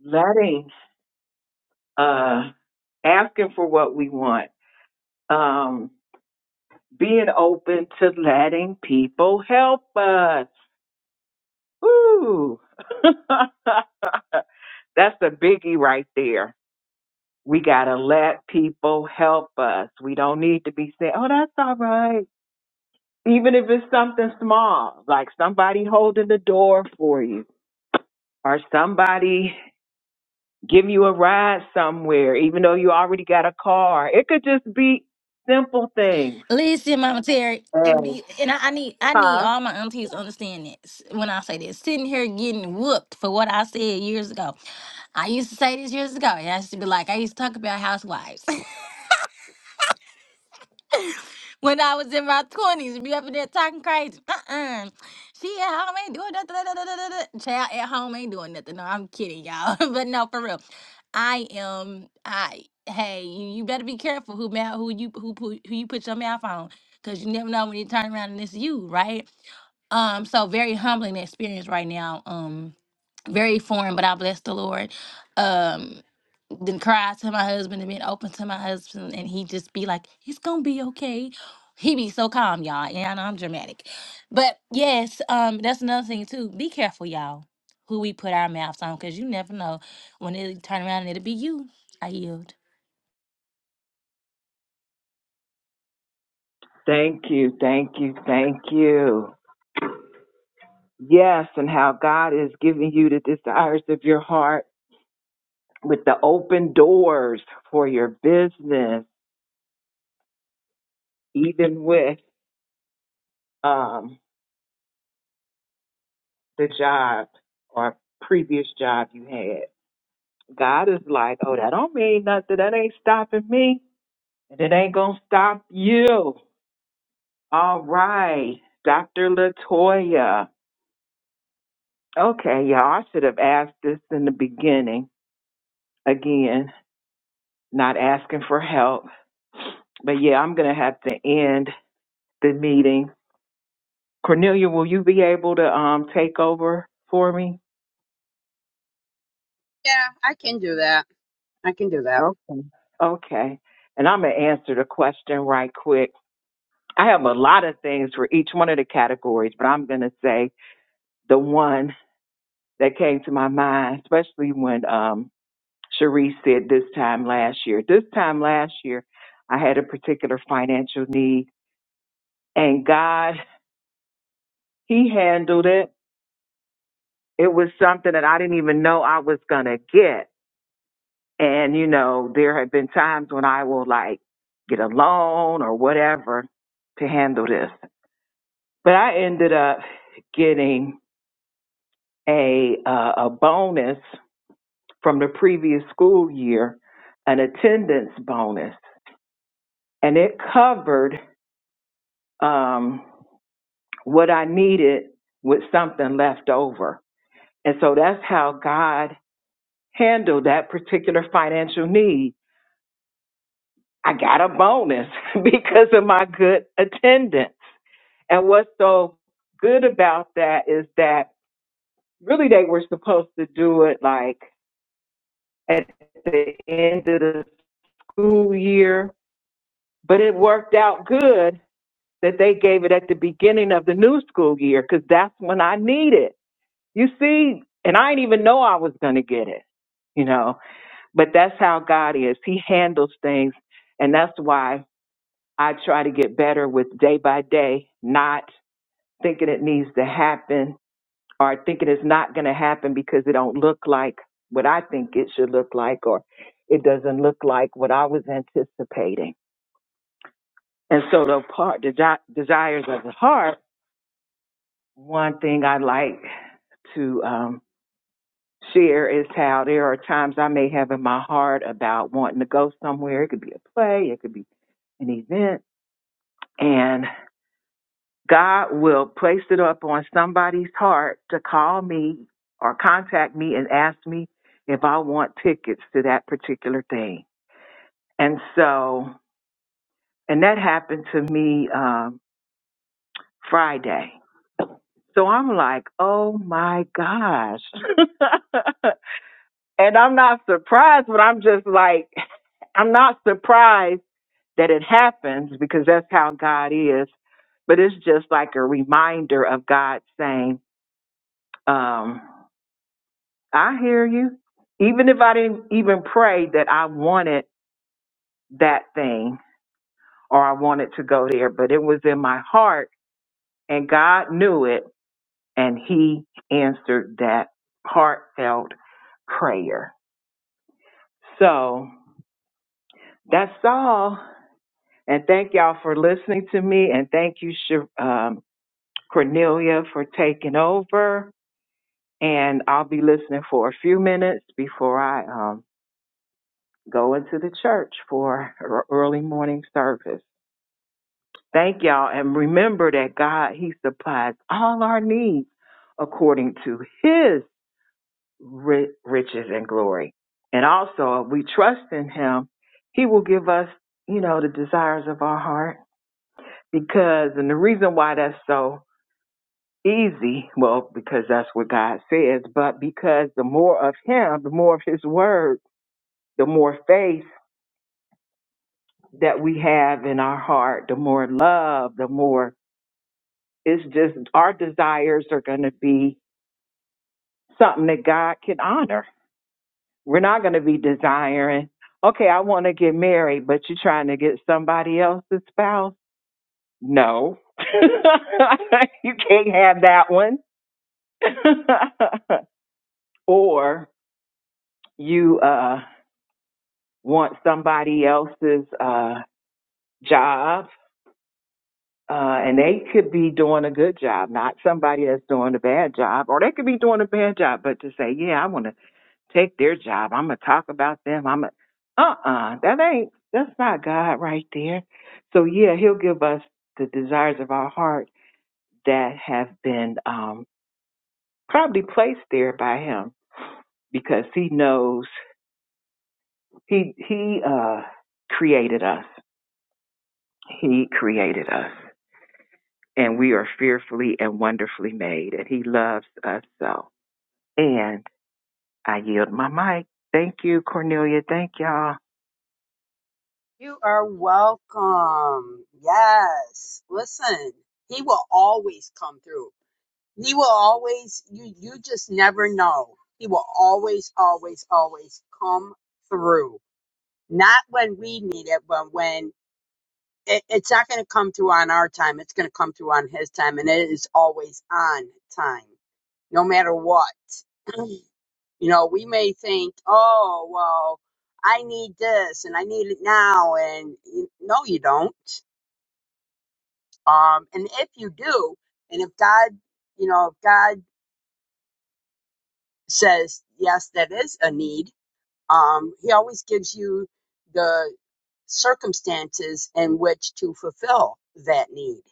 Speaker 1: letting, uh, asking for what we want. Um, being open to letting people help us. Ooh. [laughs] That's the biggie right there. We got to let people help us. We don't need to be saying, oh, that's all right. Even if it's something small, like somebody holding the door for you or somebody give you a ride somewhere, even though you already got a car. It could just be simple things.
Speaker 5: Listen, Mama Terry, and,
Speaker 1: And,
Speaker 5: be- and I, I need I need
Speaker 1: huh?
Speaker 5: all my aunties to understand this when I say this. Sitting here getting whooped for what I said years ago. I used to say this years ago. and I used to be like, I used to talk about housewives. when I was in my twenties, be up in there talking crazy. Uh-uh. She at home ain't doing nothing. da, da, da, da, da, da. Child at home ain't doing nothing. No, I'm kidding, y'all. [laughs] but no, for real, I am. I hey, you, you better be careful who mouth who you who put who you put your mouth on, cause you never know when you turn around and it's you, right? Um, so very humbling experience right now. Um, very foreign, but I bless the Lord. Um, then cry to my husband and been open to my husband and he just be like it's gonna be okay he be so calm y'all yeah I know i'm dramatic but yes um that's another thing too be careful y'all who we put our mouths on because you never know when it turn around and it'll be you i yield
Speaker 1: Thank you. Thank you. Thank you. Yes, and how God is giving you the desires of your heart with the open doors for your business, even with um, the job or previous job you had. God is like, oh, that don't mean nothing. That ain't stopping me, and it ain't gonna stop you. All right, Dr. Latoya. Okay, y'all, I should have asked this in the beginning again. not asking for help. But yeah, I'm going to have to end the meeting. Cornelia, will you be able to um, take over for me?
Speaker 2: yeah i can do that i can do that
Speaker 1: Okay. Okay. And I'm going to answer the question right quick. I have a lot of things for each one of the categories, but I'm going to say the one that came to my mind, especially when um, Cherie said this time last year. This time last year, I had a particular financial need, and God, He handled it it was something that I didn't even know I was gonna get. And you know, there have been times when I will like get a loan or whatever to handle this. But I ended up getting a uh, a bonus from the previous school year, an attendance bonus, and it covered um, what I needed with something left over. And so that's how God handled that particular financial need I got a bonus [laughs] because of my good attendance. And what's so good about that is that really they were supposed to do it like at the end of the school year, but it worked out good that they gave it at the beginning of the new school year because that's when I need it. You see, and I didn't even know I was going to get it, you know, but that's how God is. He handles things. And that's why I try to get better with day by day, not thinking it needs to happen or thinking it's not going to happen because it don't look like what I think it should look like or it doesn't look like what I was anticipating. And so the part the desi- desires of the heart, one thing I like to um, share is how there are times I may have in my heart about wanting to go somewhere. It could be a play, it could be an event, and God will place it up on somebody's heart to call me or contact me and ask me if I want tickets to that particular thing. And so, and that happened to me um, Friday. So I'm like, oh my gosh. [laughs] and I'm not surprised, but I'm just like, [laughs] I'm not surprised that it happens because that's how God is. But it's just like a reminder of God saying, um, I hear you. Even if I didn't even pray that I wanted that thing or I wanted to go there, but it was in my heart and God knew it and He answered that heartfelt prayer. So that's all. And thank y'all for listening to me. And thank you, Sh- um, Cornelia, for taking over. And I'll be listening for a few minutes before I um, Going to the church for [laughs] er, early morning service. Thank y'all. And remember that God, He supplies all our needs according to His riches and glory. And also, if we trust in Him, He will give us, you know, the desires of our heart. Because, and the reason why that's so easy, well, because that's what God says, but because the more of Him, the more of His Word, the more faith that we have in our heart, the more love, the more it's just our desires are going to be something that God can honor. We're not going to be desiring, okay, I want to get married, but you're trying to get somebody else's spouse? No. [laughs] you can't have that one. [laughs] or you uh want somebody else's uh job Uh, and they could be doing a good job, not somebody that's doing a bad job, or they could be doing a bad job, but to say, yeah, I want to take their job. I'm going to talk about them. I'm going to, uh-uh, that ain't, that's not God right there. So yeah, he'll give us the desires of our heart that have been, um, probably placed there by him because he knows he, he, uh, created us. He created us and we are fearfully and wonderfully made and he loves us so. And I yield my mic. Thank you, Cornelia. Thank y'all.
Speaker 2: You are welcome. Yes. Listen, he will always come through. He will always you you just never know. He will always always always come through. Not when we need it, but when it, it's not going to come through on our time. It's going to come through on his time and it is always on time. No matter what. [clears throat] You know, we may think, oh, well, I need this and I need it now. And you, no, you don't. Um, and if you do, and if God, you know, if God says, yes, that is a need, um, He always gives you the circumstances in which to fulfill that need.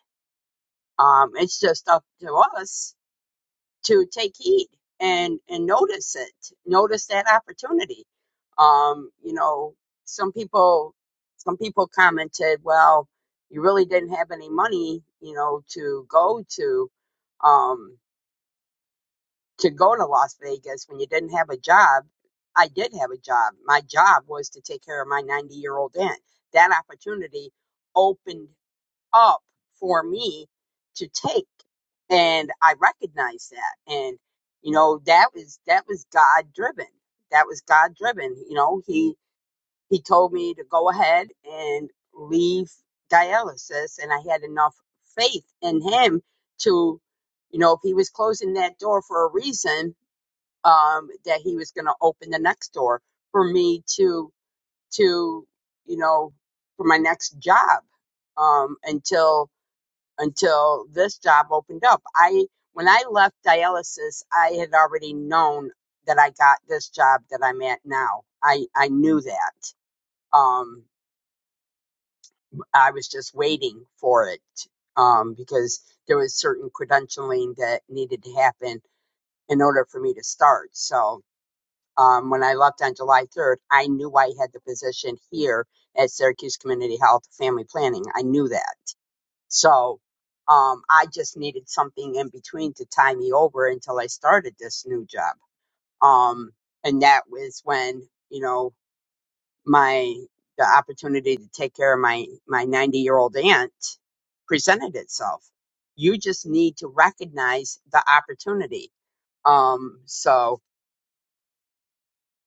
Speaker 2: Um, it's just up to us to take heed and and notice it notice that opportunity um you know some people some people commented well you really didn't have any money you know to go to um to go to las vegas when you didn't have a job i did have a job my job was to take care of my 90 year old aunt that opportunity opened up for me to take. And I recognize that. And, you know, that was, that was God driven. That was God driven. You know, he, he told me to go ahead and leave dialysis. And I had enough faith in him to, you know, if he was closing that door for a reason, um, that he was going to open the next door for me to, to, you know, for my next job um, until until this job opened up. I when I left dialysis, I had already known that I got this job that I'm at now. I I knew that. Um, I was just waiting for it um, because there was certain credentialing that needed to happen in order for me to start. So um, when I left on July 3rd, I knew I had the position here at Syracuse Community Health Family Planning. I knew that. So um, I just needed something in between to tie me over until I started this new job. Um, and that was when you know my the opportunity to take care of my my 90 year old aunt presented itself. You just need to recognize the opportunity. Um, so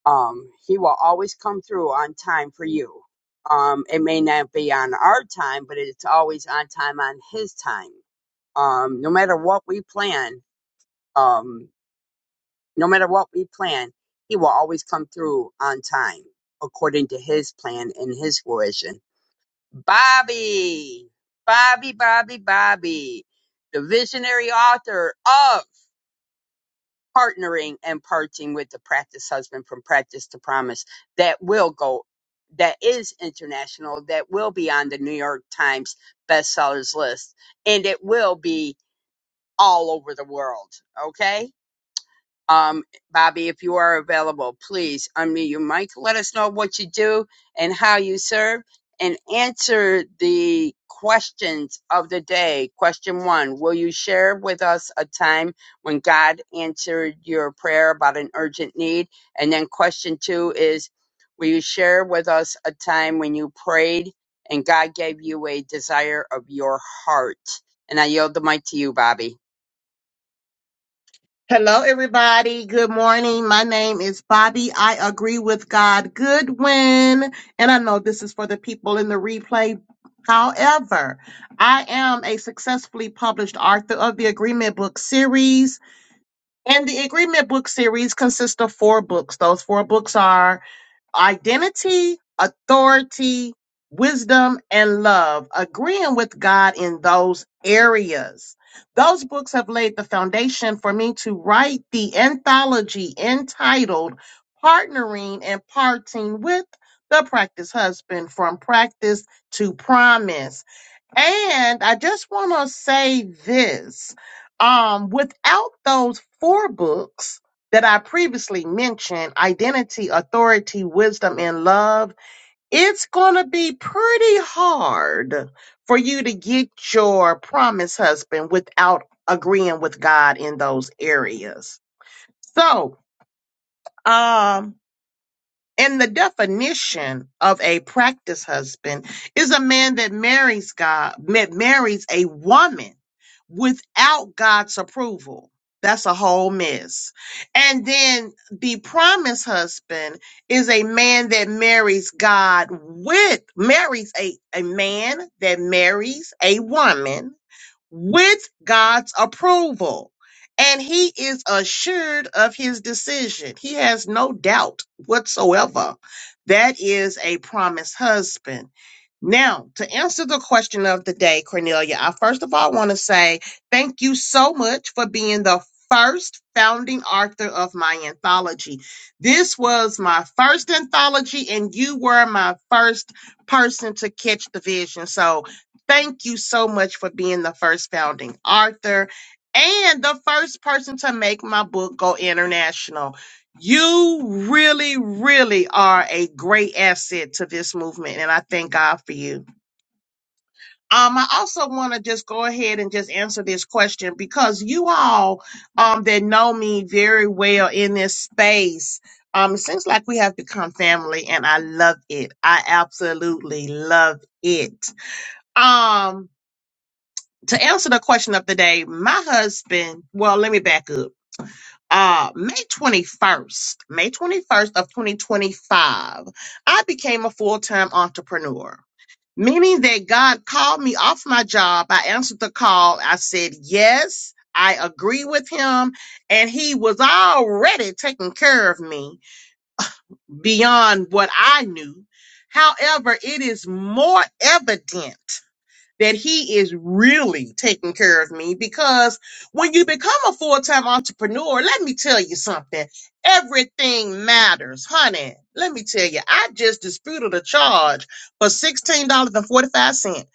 Speaker 2: um, he will always come through on time for you. Um, it may not be on our time, but it's always on time on his time. um, no matter what we plan, um, no matter what we plan, he will always come through on time according to his plan and his fruition. Bobby, Bobby, Bobby, Bobby, the visionary author of Partnering and Parting with the Practice Husband from Practice to Promise that will go, that is international, that will be on the New York Times bestsellers list, and it will be all over the world. Okay Um, Bobby, if you are available, please unmute your mic. Let us know what you do and how you serve and answer the questions of the day. Question one Will you share with us a time when God answered your prayer about an urgent need? And then question two is Will you share with us a time when you prayed and God gave you a desire of your heart? And I yield the mic to you, Bobby.
Speaker 6: Hello, everybody. Good morning. My name is Bobby. I agree with God Goodwin. And I know this is for the people in the replay. However, I am a successfully published author of the Agreement Book Series. And the Agreement Book Series consists of four books. Those four books are identity, authority, wisdom, and love, agreeing with God in those areas. Those books have laid the foundation for me to write the anthology entitled Partnering and Parting with the Practice Husband from Practice to Promise and I just want to say this. Um, without those four books that I previously mentioned, Identity, Authority, Wisdom, and Love, it's going to be pretty hard for you to get your promised husband without agreeing with God in those areas. So, um, and the definition of a practice husband is a man that marries God, that marries a woman without God's approval. That's a whole mess. And then the promise husband is a man that marries God with, marries a, a man that marries a woman with God's approval. And he is assured of his decision. He has no doubt whatsoever. That is a promised husband. Now, to answer the question of the day, Cornelia, I first of all want to say thank you so much for being the first founding author of my anthology. This was my first anthology, and you were my first person to catch the vision. So, Thank you so much for being the first founding author and the first person to make my book go international. You really, really are a great asset to this movement, and I thank God for you. Um, I also want to just go ahead and just answer this question because you all um, that know me very well in this space, um, it seems like we have become family, and I love it. I absolutely love it. Um, to answer the question of the day, my husband, well, let me back up. Uh, May 21st, May 21st of 2025, I became a full-time entrepreneur, meaning that God called me off my job. I answered the call. I said, yes, I agree with him. And he was already taking care of me beyond what I knew. However, it is more evident that he is really taking care of me because when you become a full-time entrepreneur, let me tell you something. Everything matters, honey. Let me tell you, I just disputed a charge for $16.45.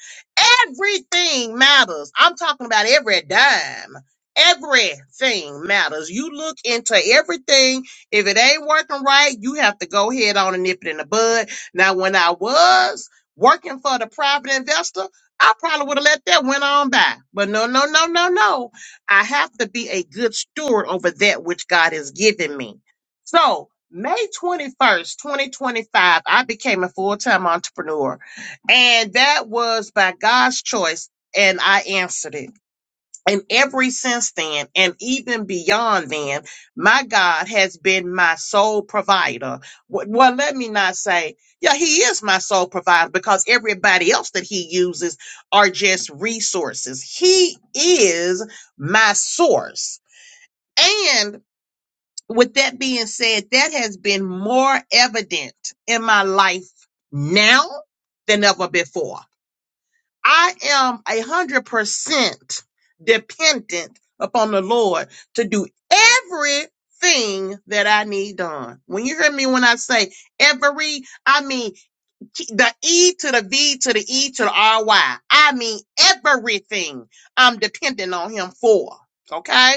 Speaker 6: Everything matters. I'm talking about every dime. Everything matters. You look into everything. If it ain't working right, you have to go ahead on and nip it in the bud. Now, when I was working for the private investor. I probably would have let that went on by. But no, no, no, no, no. I have to be a good steward over that which God has given me. So May 21st, 2025, I became a full-time entrepreneur. And that was by God's choice. And I answered it. And every since then, and even beyond then, my God has been my sole provider. W- Well, let me not say, yeah, He is my sole provider because everybody else that He uses are just resources. He is my source. And with that being said, that has been more evident in my life now than ever before. I am a hundred percent dependent upon the Lord to do everything that I need done. When you hear me when I say every, I mean t- the E to the V to the E to the R Y. I mean everything I'm dependent on him for. Okay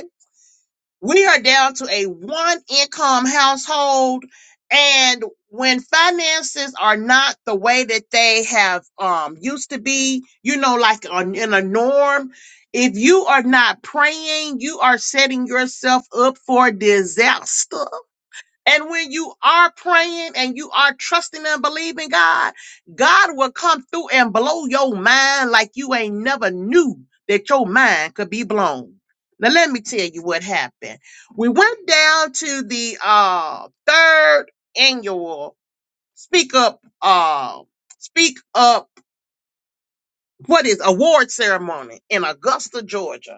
Speaker 6: we are down to a one income household and when finances are not the way that they have um used to be you know like on in a norm if you are not praying you are setting yourself up for disaster and when you are praying and you are trusting and believing God, God will come through and blow your mind like you ain't never knew that your mind could be blown. Now let me tell you what happened. We went down to the uh third annual Speak Up uh Speak Up what is award ceremony in Augusta, Georgia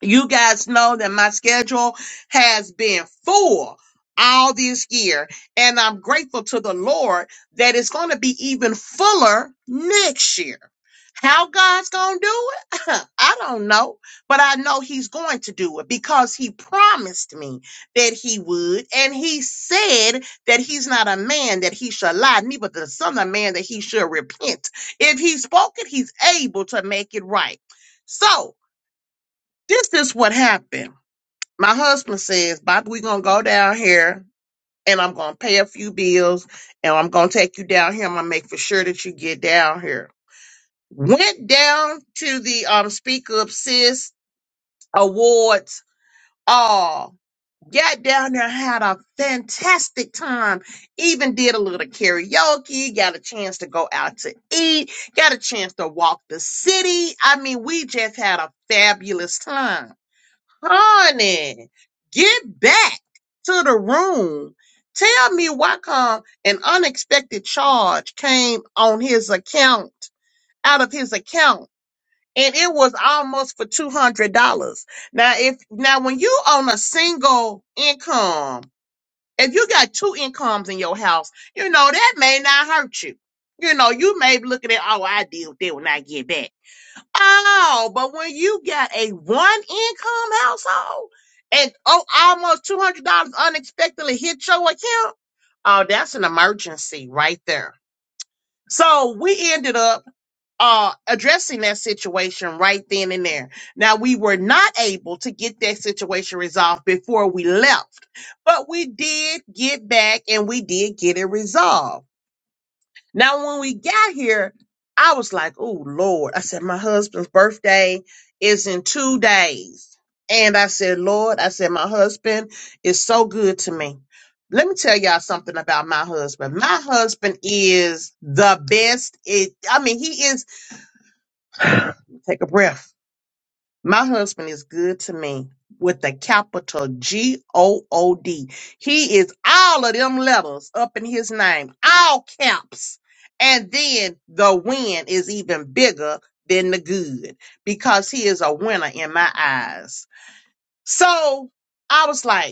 Speaker 6: you guys know that my schedule has been full all this year and i'm grateful to the lord that it's going to be even fuller next year how god's going to do it [laughs] i don't know but i know he's going to do it because he promised me that he would and he said that he's not a man that he shall lie neither the son of man that he should repent if he spoke it he's able to make it right so this is what happened. My husband says, Bobby, we're gonna go down here and I'm gonna pay a few bills and I'm gonna take you down here. I'm gonna make for sure that you get down here. Went down to the um Speak Up Sis Awards all. Got down there, had a fantastic time. Even did a little karaoke, got a chance to go out to eat, got a chance to walk the city. I mean, we just had a fabulous time honey, get back to the room. Tell me why come an unexpected charge came on his account, out of his account, and it was almost for two hundred dollars. Now, if now when you on a single income, if you got two incomes in your house, you know that may not hurt you. You know, you may be looking at, oh, I deal with that when I get back. Oh, but when you got a one income household and oh almost two hundred dollars unexpectedly hit your account, oh that's an emergency right there. So we ended up uh addressing that situation right then and there. Now we were not able to get that situation resolved before we left, but we did get back and we did get it resolved. Now, when we got here, I was like, oh, Lord. I said, my husband's birthday is in two days. And I said, Lord, I said, my husband is so good to me. Let me tell y'all something about my husband. My husband is the best. It, I mean, he is, take a breath. My husband is good to me with a capital G O O D. He is all of them letters up in his name, all caps. And then the win is even bigger than the good because he is a winner in my eyes. So I was like,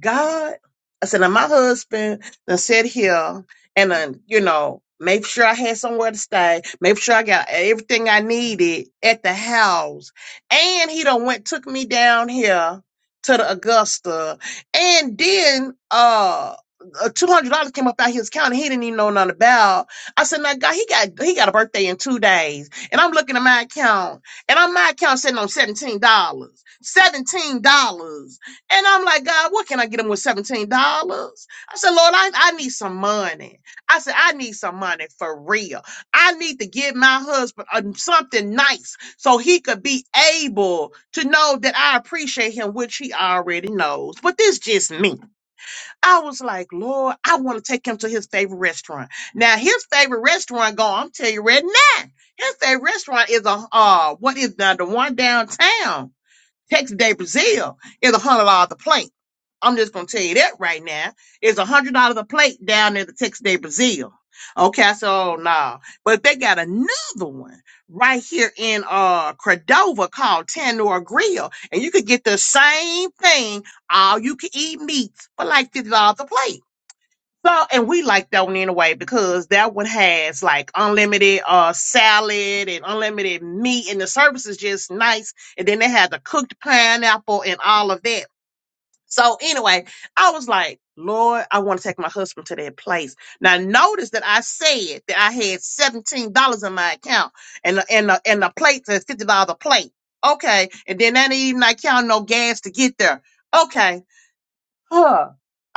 Speaker 6: God, I said, now my husband done sit here and then, you know, make sure I had somewhere to stay, make sure I got everything I needed at the house. And he done went, took me down here to the Augusta. And then, uh, uh, Two hundred dollars came up out his account. and He didn't even know nothing about. I said, "Now, God, he got he got a birthday in two days." And I'm looking at my account, and on my account sitting on seventeen dollars. Seventeen dollars and I'm like, God, what can I get him with $17? I said, Lord, I, I need some money. I said, I need some money for real. I need to give my husband um, something nice so he could be able to know that I appreciate him, which he already knows. But this just me. I was like, Lord, I want to take him to his favorite restaurant. Now, his favorite restaurant, go, I'm telling you right now, his favorite restaurant is a uh, what is the, the one downtown? Texas Day Brazil is a hundred dollars a plate. I'm just gonna tell you that right now. It's a hundred dollars a plate down there at the Texas Day Brazil. Okay, so no. But they got another one right here in uh Cordova called Tandoor Grill, and you could get the same thing, all you can eat meats for like fifty dollars a plate. So, and we like that one anyway because that one has like unlimited uh salad and unlimited meat, and the service is just nice. And then they had the cooked pineapple and all of that. So, anyway, I was like, Lord, I want to take my husband to that place. Now, notice that I said that I had seventeen dollars in my account, and the, and the, and the plate says fifty dollars a plate. Okay, and then that ain't even like count no gas to get there. Okay, huh.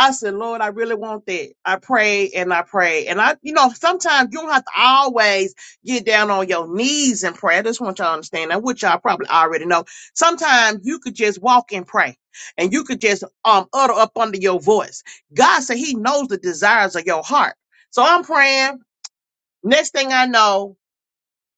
Speaker 6: I said, Lord, I really want that. I pray and I pray. And I, you know, sometimes you don't have to always get down on your knees and pray. I just want y'all to understand that, which y'all probably already know. Sometimes you could just walk and pray and you could just um utter up under your voice. God said he knows the desires of your heart. So I'm praying. Next thing I know,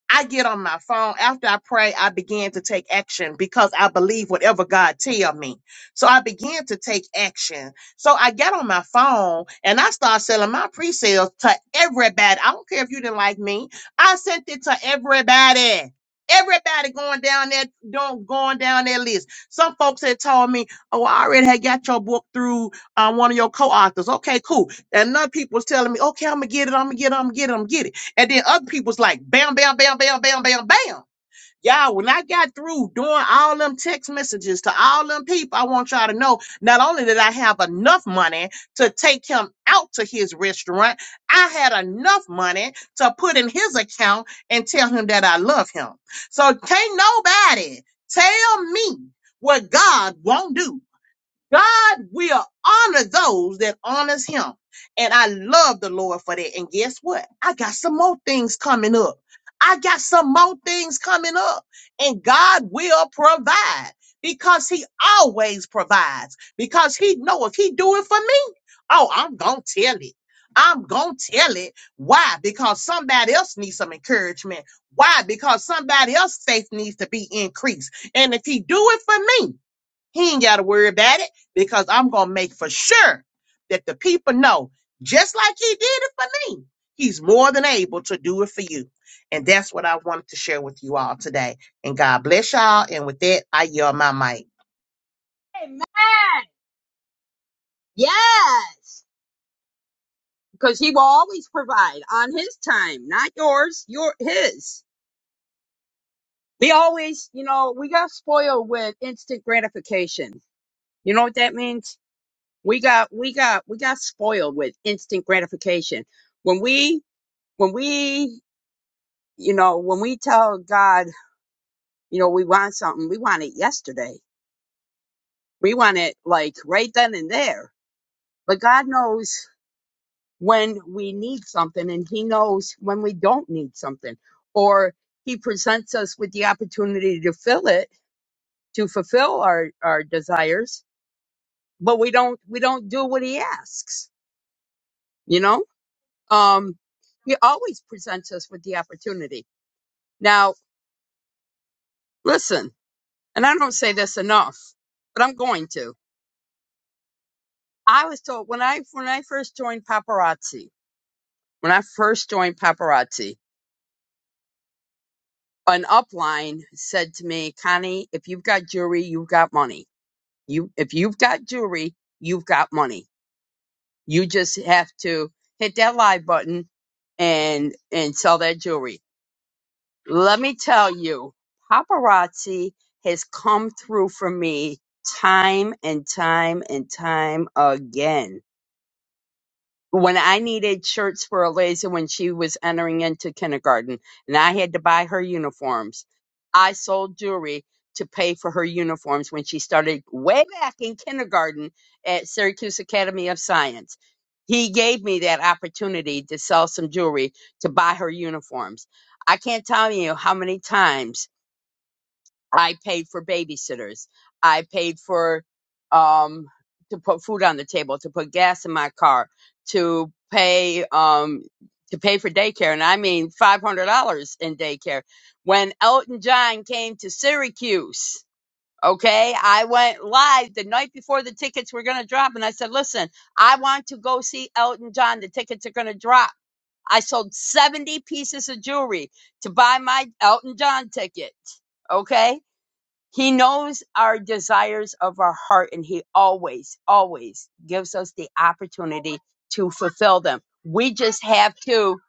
Speaker 6: I get on my phone after I pray. I begin to take action because I believe whatever God tell me. So I began to take action. So I got on my phone and I start selling my pre-sales to everybody. I don't care if you didn't like me. I sent it to everybody. Everybody going down that don't going down that list. Some folks had told me, "Oh, I already had got your book through uh, one of your co-authors." Okay, cool. And other people was telling me, "Okay, I'm gonna get it. I'm gonna get it. I'm gonna get it. I'm gonna get it." And then other people's like bam, bam, bam, bam, bam, bam, bam. Y'all, when I got through doing all them text messages to all them people, I want y'all to know not only did I have enough money to take him out to his restaurant, I had enough money to put in his account and tell him that I love him. So can't nobody tell me what God won't do. God will honor those that honors him. And I love the Lord for that. And guess what? I got some more things coming up. I got some more things coming up. And God will provide because he always provides. Because he know if he do it for me, oh, I'm going to tell it. I'm going to tell it. Why? Because somebody else needs some encouragement. Why? Because somebody else's faith needs to be increased. And if he do it for me, he ain't got to worry about it because I'm going to make for sure that the people know, just like he did it for me, he's more than able to do it for you. And that's what I wanted to share with you all today. And God bless y'all. And with that, I yell my mic.
Speaker 2: Amen. Yes. because he will always provide on his time, not yours, your his. We always, you know, we got spoiled with instant gratification. You know what that means? We got we got we got spoiled with instant gratification. When we when we you know, when we tell God, you know, we want something, we want it yesterday. We want it like right then and there. But God knows when we need something and he knows when we don't need something or he presents us with the opportunity to fill it to fulfill our our desires but we don't we don't do what he asks you know um he always presents us with the opportunity now listen and i don't say this enough but i'm going to i was told when i when i first joined paparazzi when i first joined paparazzi an upline said to me, Connie, if you've got jewelry, you've got money. You, if you've got jewelry, you've got money. You just have to hit that live button and, and sell that jewelry. Let me tell you, paparazzi has come through for me time and time and time again. when I needed shirts for Eliza when she was entering into kindergarten and I had to buy her uniforms, I sold jewelry to pay for her uniforms when she started way back in kindergarten at Syracuse Academy of Science. He gave me that opportunity to sell some jewelry to buy her uniforms. I can't tell you how many times I paid for babysitters. I paid for um to put food on the table, to put gas in my car, to pay um to pay for daycare, and I mean five hundred dollars in daycare. When Elton John came to Syracuse, okay, I went live the night before the tickets were gonna drop, and I said, "Listen, I want to go see Elton John. The tickets are gonna drop." I sold seventy pieces of jewelry to buy my Elton John ticket. Okay he knows our desires of our heart and he always, always gives us the opportunity to fulfill them. We just have to,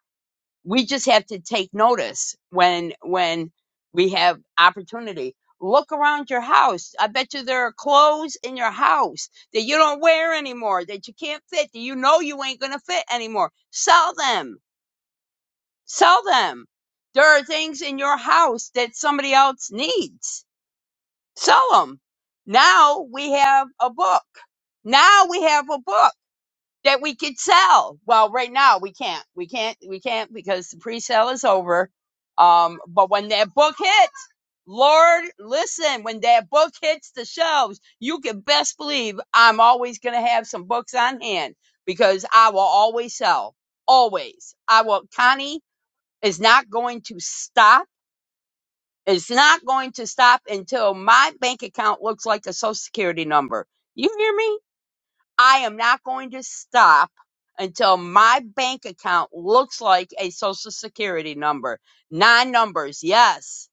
Speaker 2: we just have to take notice when, when we have opportunity. Look around your house. I bet you there are clothes in your house that you don't wear anymore, that you can't fit, that you know you ain't going to fit anymore. Sell them. Sell them. There are things in your house that somebody else needs sell them. Now we have a book. Now we have a book that we could sell. Well, right now we can't. We can't. We can't because the pre-sale is over. Um, but when that book hits, Lord, listen, when that book hits the shelves, you can best believe I'm always going to have some books on hand because I will always sell. Always. I will, Connie is not going to stop it's not going to stop until my bank account looks like a social security number. You hear me? I am not going to stop until my bank account looks like a social security number. Nine numbers. Yes.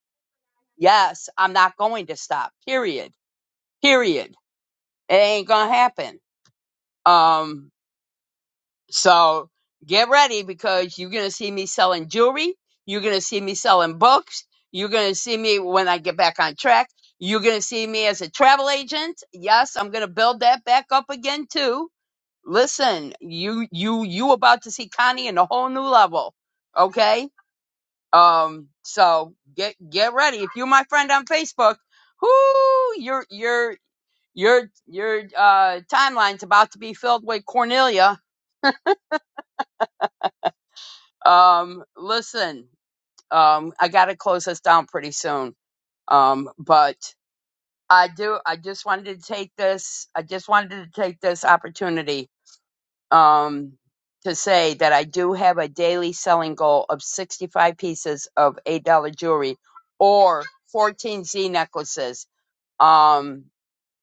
Speaker 2: Yes. I'm not going to stop. Period. Period. It ain't going to happen. Um, So get ready because you're gonna see me selling jewelry. You're gonna see me selling books. You're gonna see me when I get back on track. You're gonna see me as a travel agent. Yes, I'm gonna build that back up again too. Listen, you you you about to see Connie in a whole new level. Okay? Um, so get get ready. If you're my friend on Facebook, whoo, your your your your uh timeline's about to be filled with Cornelia Um, listen, um, I got to close this down pretty soon. Um, but I do. I just wanted to take this. I just wanted to take this opportunity um, to say that I do have a daily selling goal of sixty-five pieces of eight-dollar jewelry or fourteen Z necklaces. Um,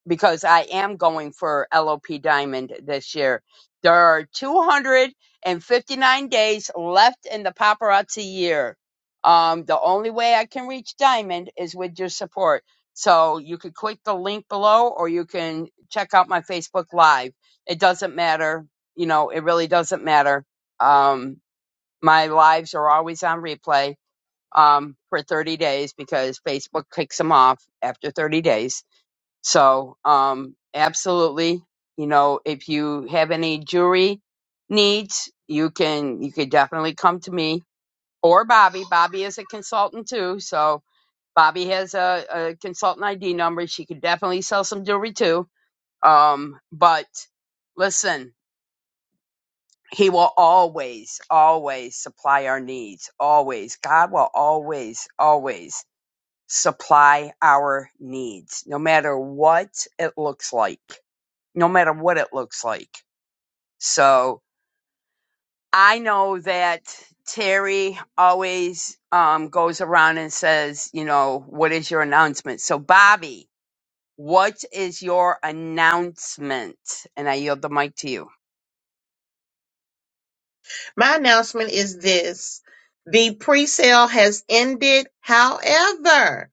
Speaker 2: because I am going for LOP Diamond this year. There are 259 days left in the paparazzi year. Um, the only way I can reach Diamond is with your support. So you could click the link below or you can check out my Facebook Live. It doesn't matter. You know, it really doesn't matter. Um, my lives are always on replay um, for 30 days because Facebook kicks them off after 30 days so, um, absolutely, you know, if you have any jewelry needs, you can you could definitely come to me or Bobby. Bobby is a consultant too, so Bobby has a, a consultant ID number. She could definitely sell some jewelry too. Um, but listen, he will always, always supply our needs. Always, God will always, always supply our needs, no matter what it looks like no matter what it looks like. So I know that Terry always um, goes around and says, you know, what is your announcement? So, Bobby, what is your announcement? And I yield the mic to you.
Speaker 6: My announcement is this the pre sale has ended. However,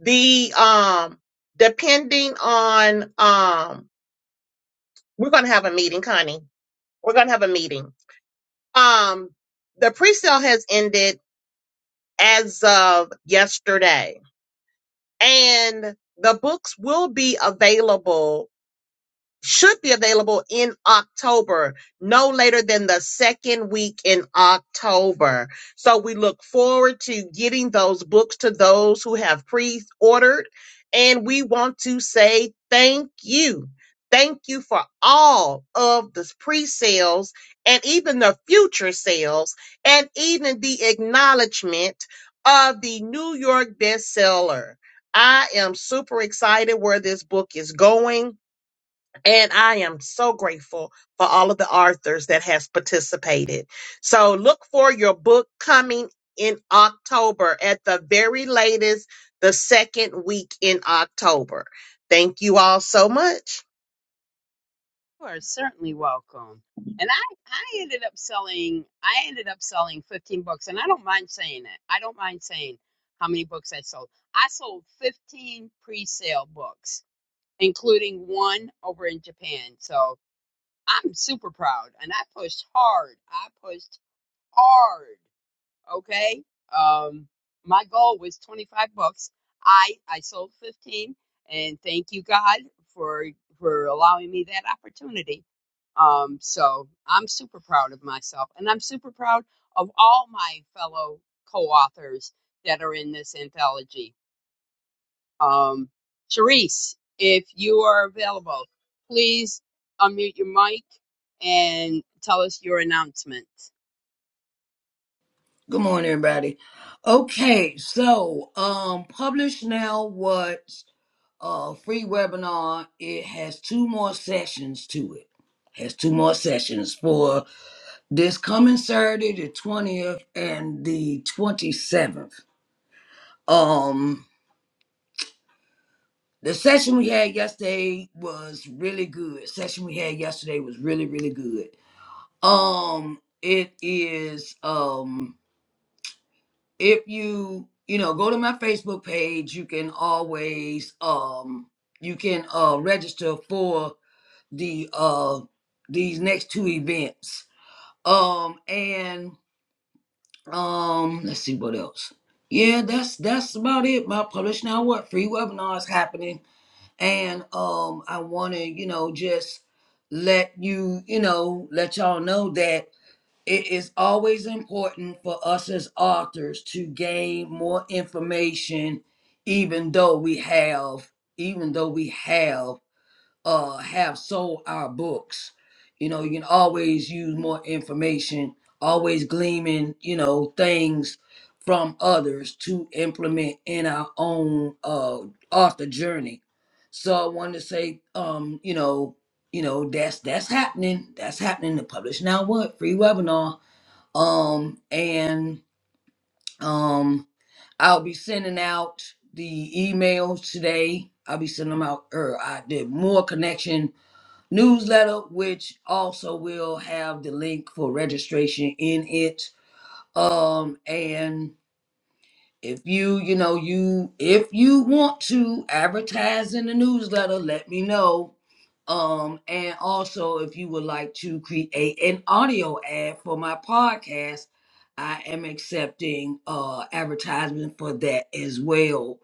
Speaker 6: the, um, depending on, um, we're going to have a meeting, Connie. We're going to have a meeting. Um, the pre-sale has ended as of yesterday. And the books will be available should be available in October, no later than the second week in October. So we look forward to getting those books to those who have pre ordered. And we want to say thank you. Thank you for all of the pre sales and even the future sales and even the acknowledgement of the New York bestseller. I am super excited where this book is going. And I am so grateful for all of the authors that has participated. So look for your book coming in October at the very latest, the second week in October. Thank you all so much.
Speaker 2: You are certainly welcome. And I, I ended up selling, I ended up selling 15 books, and I don't mind saying it. I don't mind saying how many books I sold. I sold 15 pre-sale books, including one over in Japan. So, I'm super proud and I pushed hard. I pushed hard. Okay. Um, my goal was 25 books. I, I sold 15 and thank you God for, for allowing me that opportunity. Um, so I'm super proud of myself and I'm super proud of all my fellow co-authors that are in this anthology um, Charisse, if you are available, please unmute your mic and tell us your announcement.
Speaker 3: Good morning, everybody. Okay, so um publish now what uh, free webinar. It has two more sessions to it. Has two more sessions for this coming Saturday, the 20th and the 27th. Um, the session we had yesterday was really good. Session we had yesterday was really, really good. Um, it is um if you you know go to my Facebook page, you can always um you can uh register for the uh these next two events. Um and um let's see what else. Yeah, that's that's about it. My publish now what free webinars happening and um I wanna, you know, just let you, you know, let y'all know that it is always important for us as authors to gain more information even though we have even though we have uh have sold our books. You know, you can always use more information, always gleaming, you know, things from others to implement in our own uh author journey. So I wanted to say, um, you know, you know, that's that's happening. That's happening. The publish now what? Free webinar. Um and um I'll be sending out the emails today. I'll be sending them out or I did more connection newsletter, which also will have the link for registration in it. Um, and if you, you know, you if you want to advertise in the newsletter, let me know. Um, and also if you would like to create an audio ad for my podcast, I am accepting uh advertisement for that as well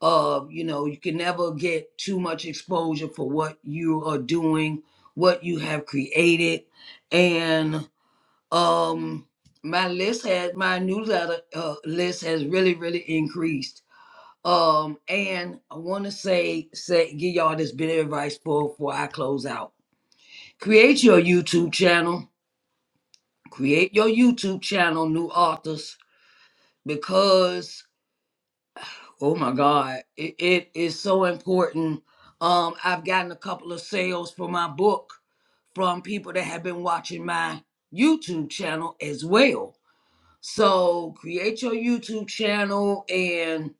Speaker 3: of you know you can never get too much exposure for what you are doing what you have created and um my list has my newsletter uh, list has really really increased um and i want to say say give y'all this bit of advice for before i close out create your youtube channel create your youtube channel new authors because Oh my God, it, it is so important. Um, I've gotten a couple of sales for my book from people that have been watching my YouTube channel as well. So create your YouTube channel and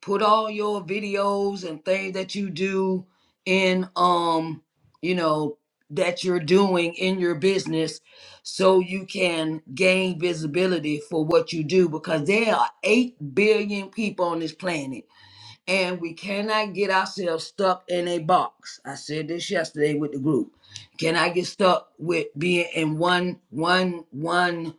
Speaker 3: put all your videos and things that you do in um, you know, that you're doing in your business so you can gain visibility for what you do because there are 8 billion people on this planet and we cannot get ourselves stuck in a box. I said this yesterday with the group. Cannot get stuck with being in one one one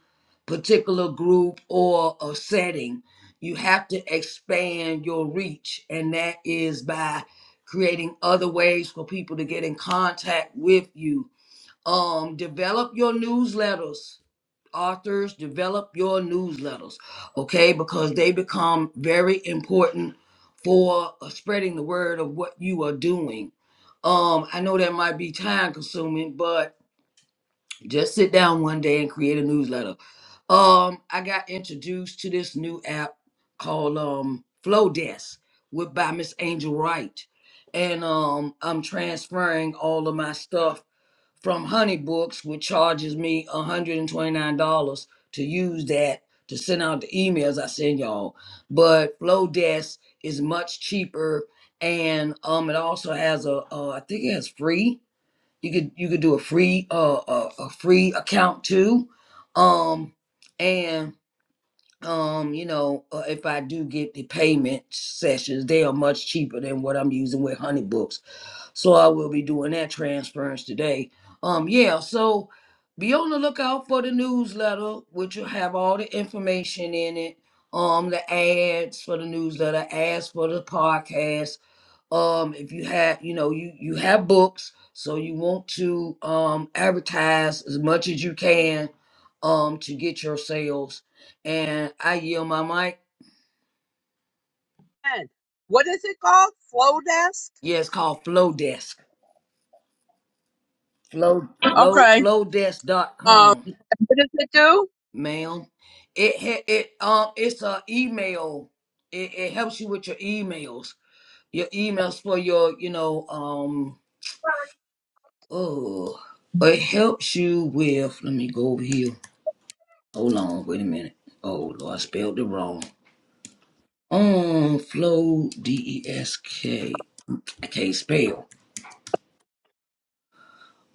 Speaker 3: particular group or a setting? You have to expand your reach, and that is by creating other ways for people to get in contact with you. Um, develop your newsletters authors develop your newsletters okay because they become very important for uh, spreading the word of what you are doing um i know that might be time consuming but just sit down one day and create a newsletter um i got introduced to this new app called um flowdesk with by miss angel wright and um i'm transferring all of my stuff from Honeybooks, which charges me $129 to use that to send out the emails I send y'all. But Flowdesk is much cheaper, and um, it also has a uh, I think it has free. You could you could do a free uh a, a free account too, um, and um you know uh, if I do get the payment sessions, they are much cheaper than what I'm using with Honeybooks. So I will be doing that transference today. Um, yeah, so be on the lookout for the newsletter, which will have all the information in it. Um, the ads for the newsletter, ads for the podcast. Um, if you have, you know, you you have books, so you want to um advertise as much as you can um to get your sales. And I yield my mic.
Speaker 2: And what is it called? Flow desk?
Speaker 3: Yeah, it's called Flow Desk. Flow Flow
Speaker 2: Okay.
Speaker 3: Flowdesk dot
Speaker 2: Um,
Speaker 3: com.
Speaker 2: what does it do?
Speaker 3: ma'am. It ha- it um it's a email. It, it helps you with your emails. Your emails for your you know um oh it helps you with. Let me go over here. Hold on, wait a minute. Oh Lord, I spelled it wrong. Um, flow D E S K. I can't spell.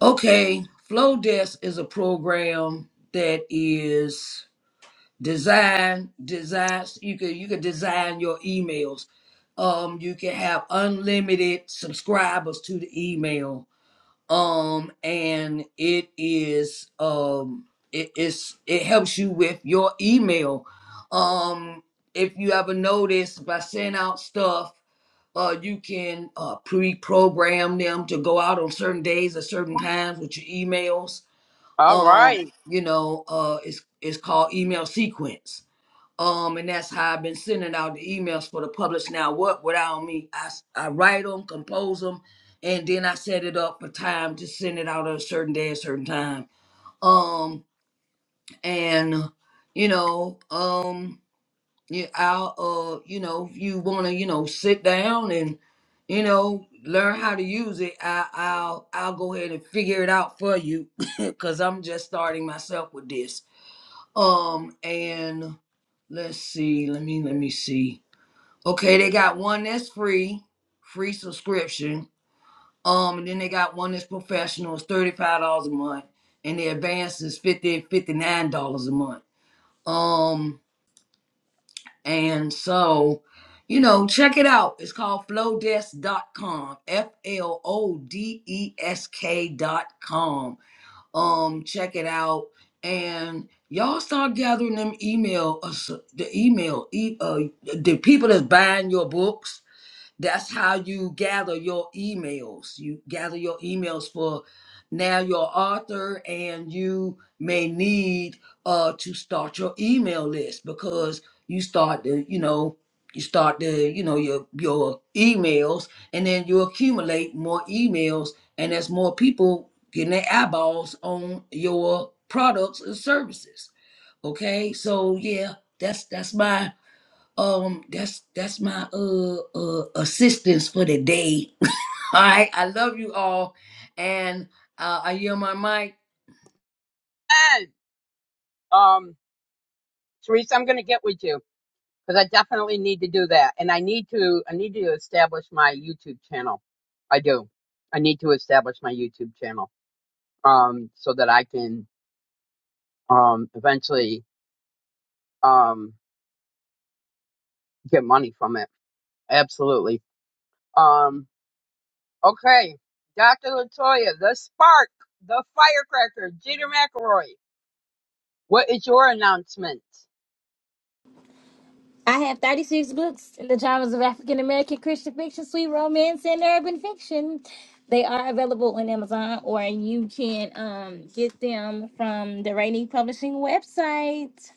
Speaker 3: Okay, Flow Desk is a program that is. design designs you could you could design your emails um you can have unlimited subscribers to the email um and it is um it is it helps you with your email um if you ever notice by sending out stuff uh you can uh pre-program them to go out on certain days or certain times with your emails
Speaker 2: All
Speaker 3: um
Speaker 2: right.
Speaker 3: you know uh it's it's called email sequence um, and that's how I've been sending out the emails for the publish now. What without me? I s- I write them, compose them, and then I set it up for time to send it out on a certain day, a certain time. Um, and you know, um, yeah, I'll uh, you know, if you wanna, you know, sit down and you know, learn how to use it. I I'll I'll go ahead and figure it out for you, [laughs] [coughs] cause I'm just starting myself with this um, and let's see. Let me let me see. Okay, they got one that's free, free subscription. Um, and then they got one that's professional. It's thirty five dollars a month, and the advance is fifty fifty nine dollars a month. Um, and so, you know, check it out. It's called Flowdesk dot com. F L O D E S K dot com um check it out and y'all start gathering them email us the email e- uh, the people that's buying your books that's how you gather your emails. You gather your emails for now your author, and you may need uh to start your email list because you start the, you know, you start the, you know, your your emails, and then you accumulate more emails, and there's more people getting their eyeballs on your products and services. Okay, so yeah, that's that's my um, that's that's my uh uh assistance for the day. [laughs] All right, I love you all, and uh, I yield my mic.
Speaker 2: And um, Charisse, I'm going to get with you because I definitely need to do that, and I need to I need to establish my YouTube channel. I do. I need to establish my YouTube channel um so that I can um eventually um. get money from it. Absolutely. Um. Okay, Dr. Latoya, the spark, the firecracker, Jeter McElroy. What is your announcement,
Speaker 5: I have 36 books in the genres of African American Christian fiction, sweet romance, and urban fiction. They are available on Amazon, or you can um, get them from the Rainy Publishing website.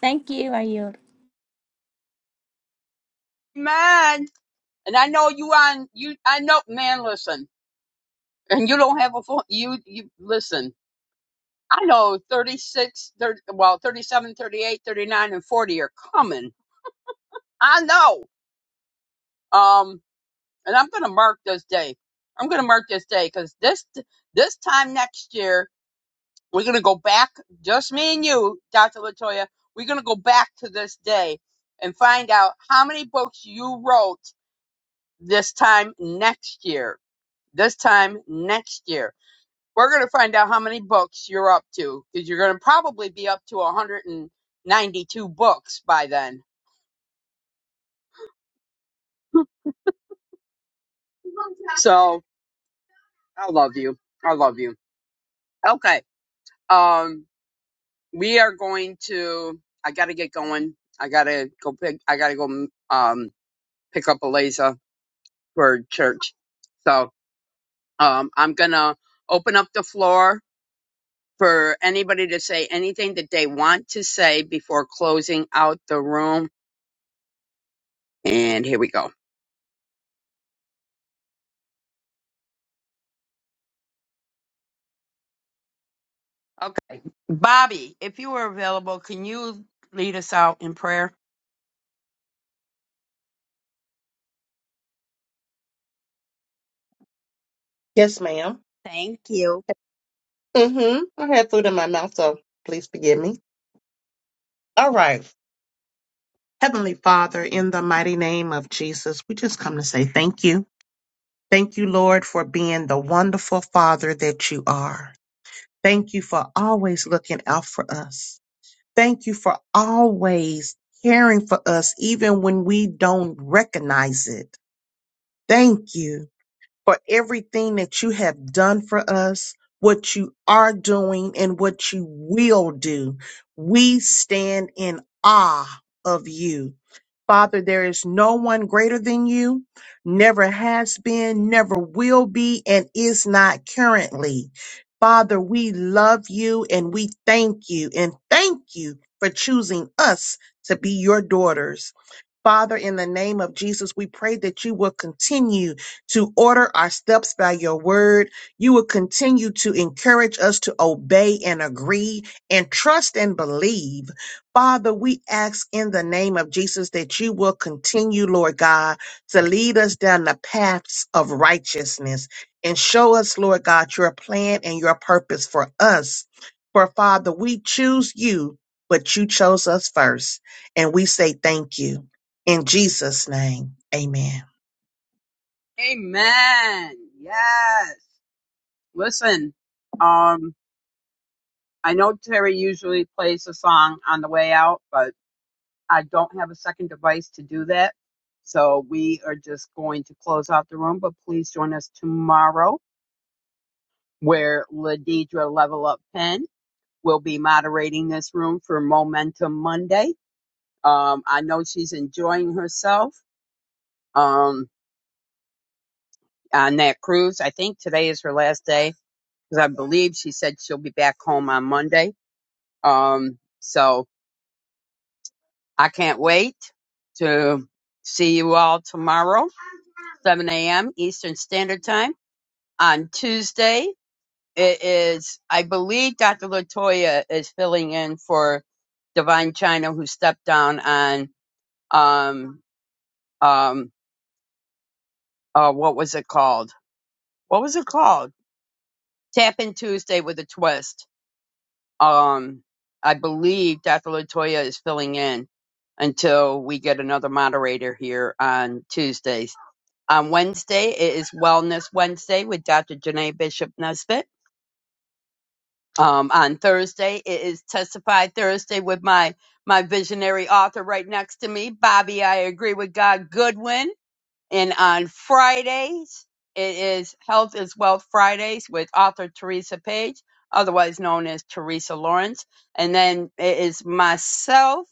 Speaker 5: Thank you. Are you?
Speaker 2: man? And I know you on you. I know, man. Listen, and you don't have a phone. You you listen. I know 36, 30 well, 37, 38, 39, and 40 are coming. I know. Um, and I'm going to mark this day. I'm going to mark this day because this, this time next year, We're gonna go back, just me and you, Dr. Latoya. We're gonna go back to this day and find out how many books you wrote this time next year. This time next year, we're gonna find out how many books you're up to because you're gonna probably be up to 192 books by then. So I love you. I love you. Okay. Um, we are going to. I gotta get going. I gotta go pick. I gotta go. Um, pick up Eliza for church. So um, I'm going to open up the floor for anybody to say anything that they want to say before closing out the room. And here we go. Okay. Bobby, if you are available, can you lead us out in prayer?
Speaker 6: Yes, madam
Speaker 2: Thank you.
Speaker 6: Mm-hmm. I had food in my mouth, so please forgive me. All right. Heavenly Father, in the mighty name of Jesus, we just come to say thank you. Thank you, Lord, for being the wonderful Father that you are. Thank you for always looking out for us. Thank you for always caring for us, even when we don't recognize it. Thank you for everything that you have done for us, what you are doing, and what you will do. We stand in awe of you. Father, there is no one greater than you, never has been, never will be, and is not currently. Father, we love you and we thank you and thank you for choosing us to be your daughters. Father, in the name of Jesus, we pray that you will continue to order our steps by your word. You will continue to encourage us to obey and agree and trust and believe. Father, we ask in the name of Jesus that you will continue, Lord God, to lead us down the paths of righteousness and show us, Lord God, your plan and your purpose for us. For Father, we choose you, but you chose us first. And we say thank you. In Jesus' name, amen.
Speaker 2: Amen. Yes. Listen, um, I know Terry usually plays a song on the way out, but I don't have a second device to do that. So we are just going to close out the room, but please join us tomorrow where Ladidra Level Up Pen will be moderating this room for Momentum Monday. Um, I know she's enjoying herself um, on that cruise. I think today is her last day because I believe she said she'll be back home on Monday. Um, so I can't wait to see you all tomorrow, 7 a.m. Eastern Standard Time. on Tuesday. It is, I believe, Dr. Latoya is filling in for Divine China, who stepped down on um um uh what was it called? What was it called? Tap in Tuesday with a twist. Um, I believe Dr. Latoya is filling in until we get another moderator here on Tuesdays. On Wednesday, it is Wellness Wednesday with Dr. Janae Bishop Nesbitt um, on Thursday. It is Testify Thursday with my my visionary author right next to me, Bobby. I agree with God Goodwin. And on Fridays, it is Health is Wealth Fridays with author Teresa Page, otherwise known as Teresa Lawrence. And then it is myself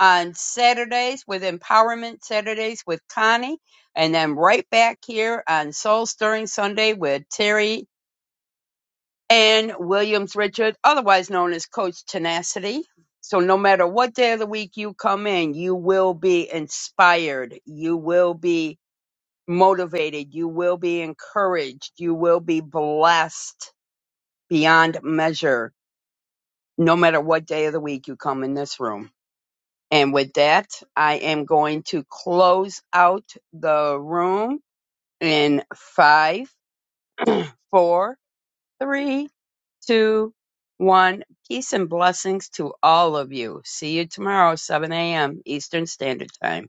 Speaker 2: on Saturdays with Empowerment Saturdays with Connie. And then right back here on Soul Stirring Sunday with Terry and Williams Richard, otherwise known as Coach Tenacity. So, no matter what day of the week you come in, you will be inspired. You will be motivated. You will be encouraged. You will be blessed beyond measure, no matter what day of the week you come in this room. And with that, I am going to close out the room in five, four, three. two, one. Peace and blessings to all of you. See you tomorrow, 7 a.m. Eastern Standard Time.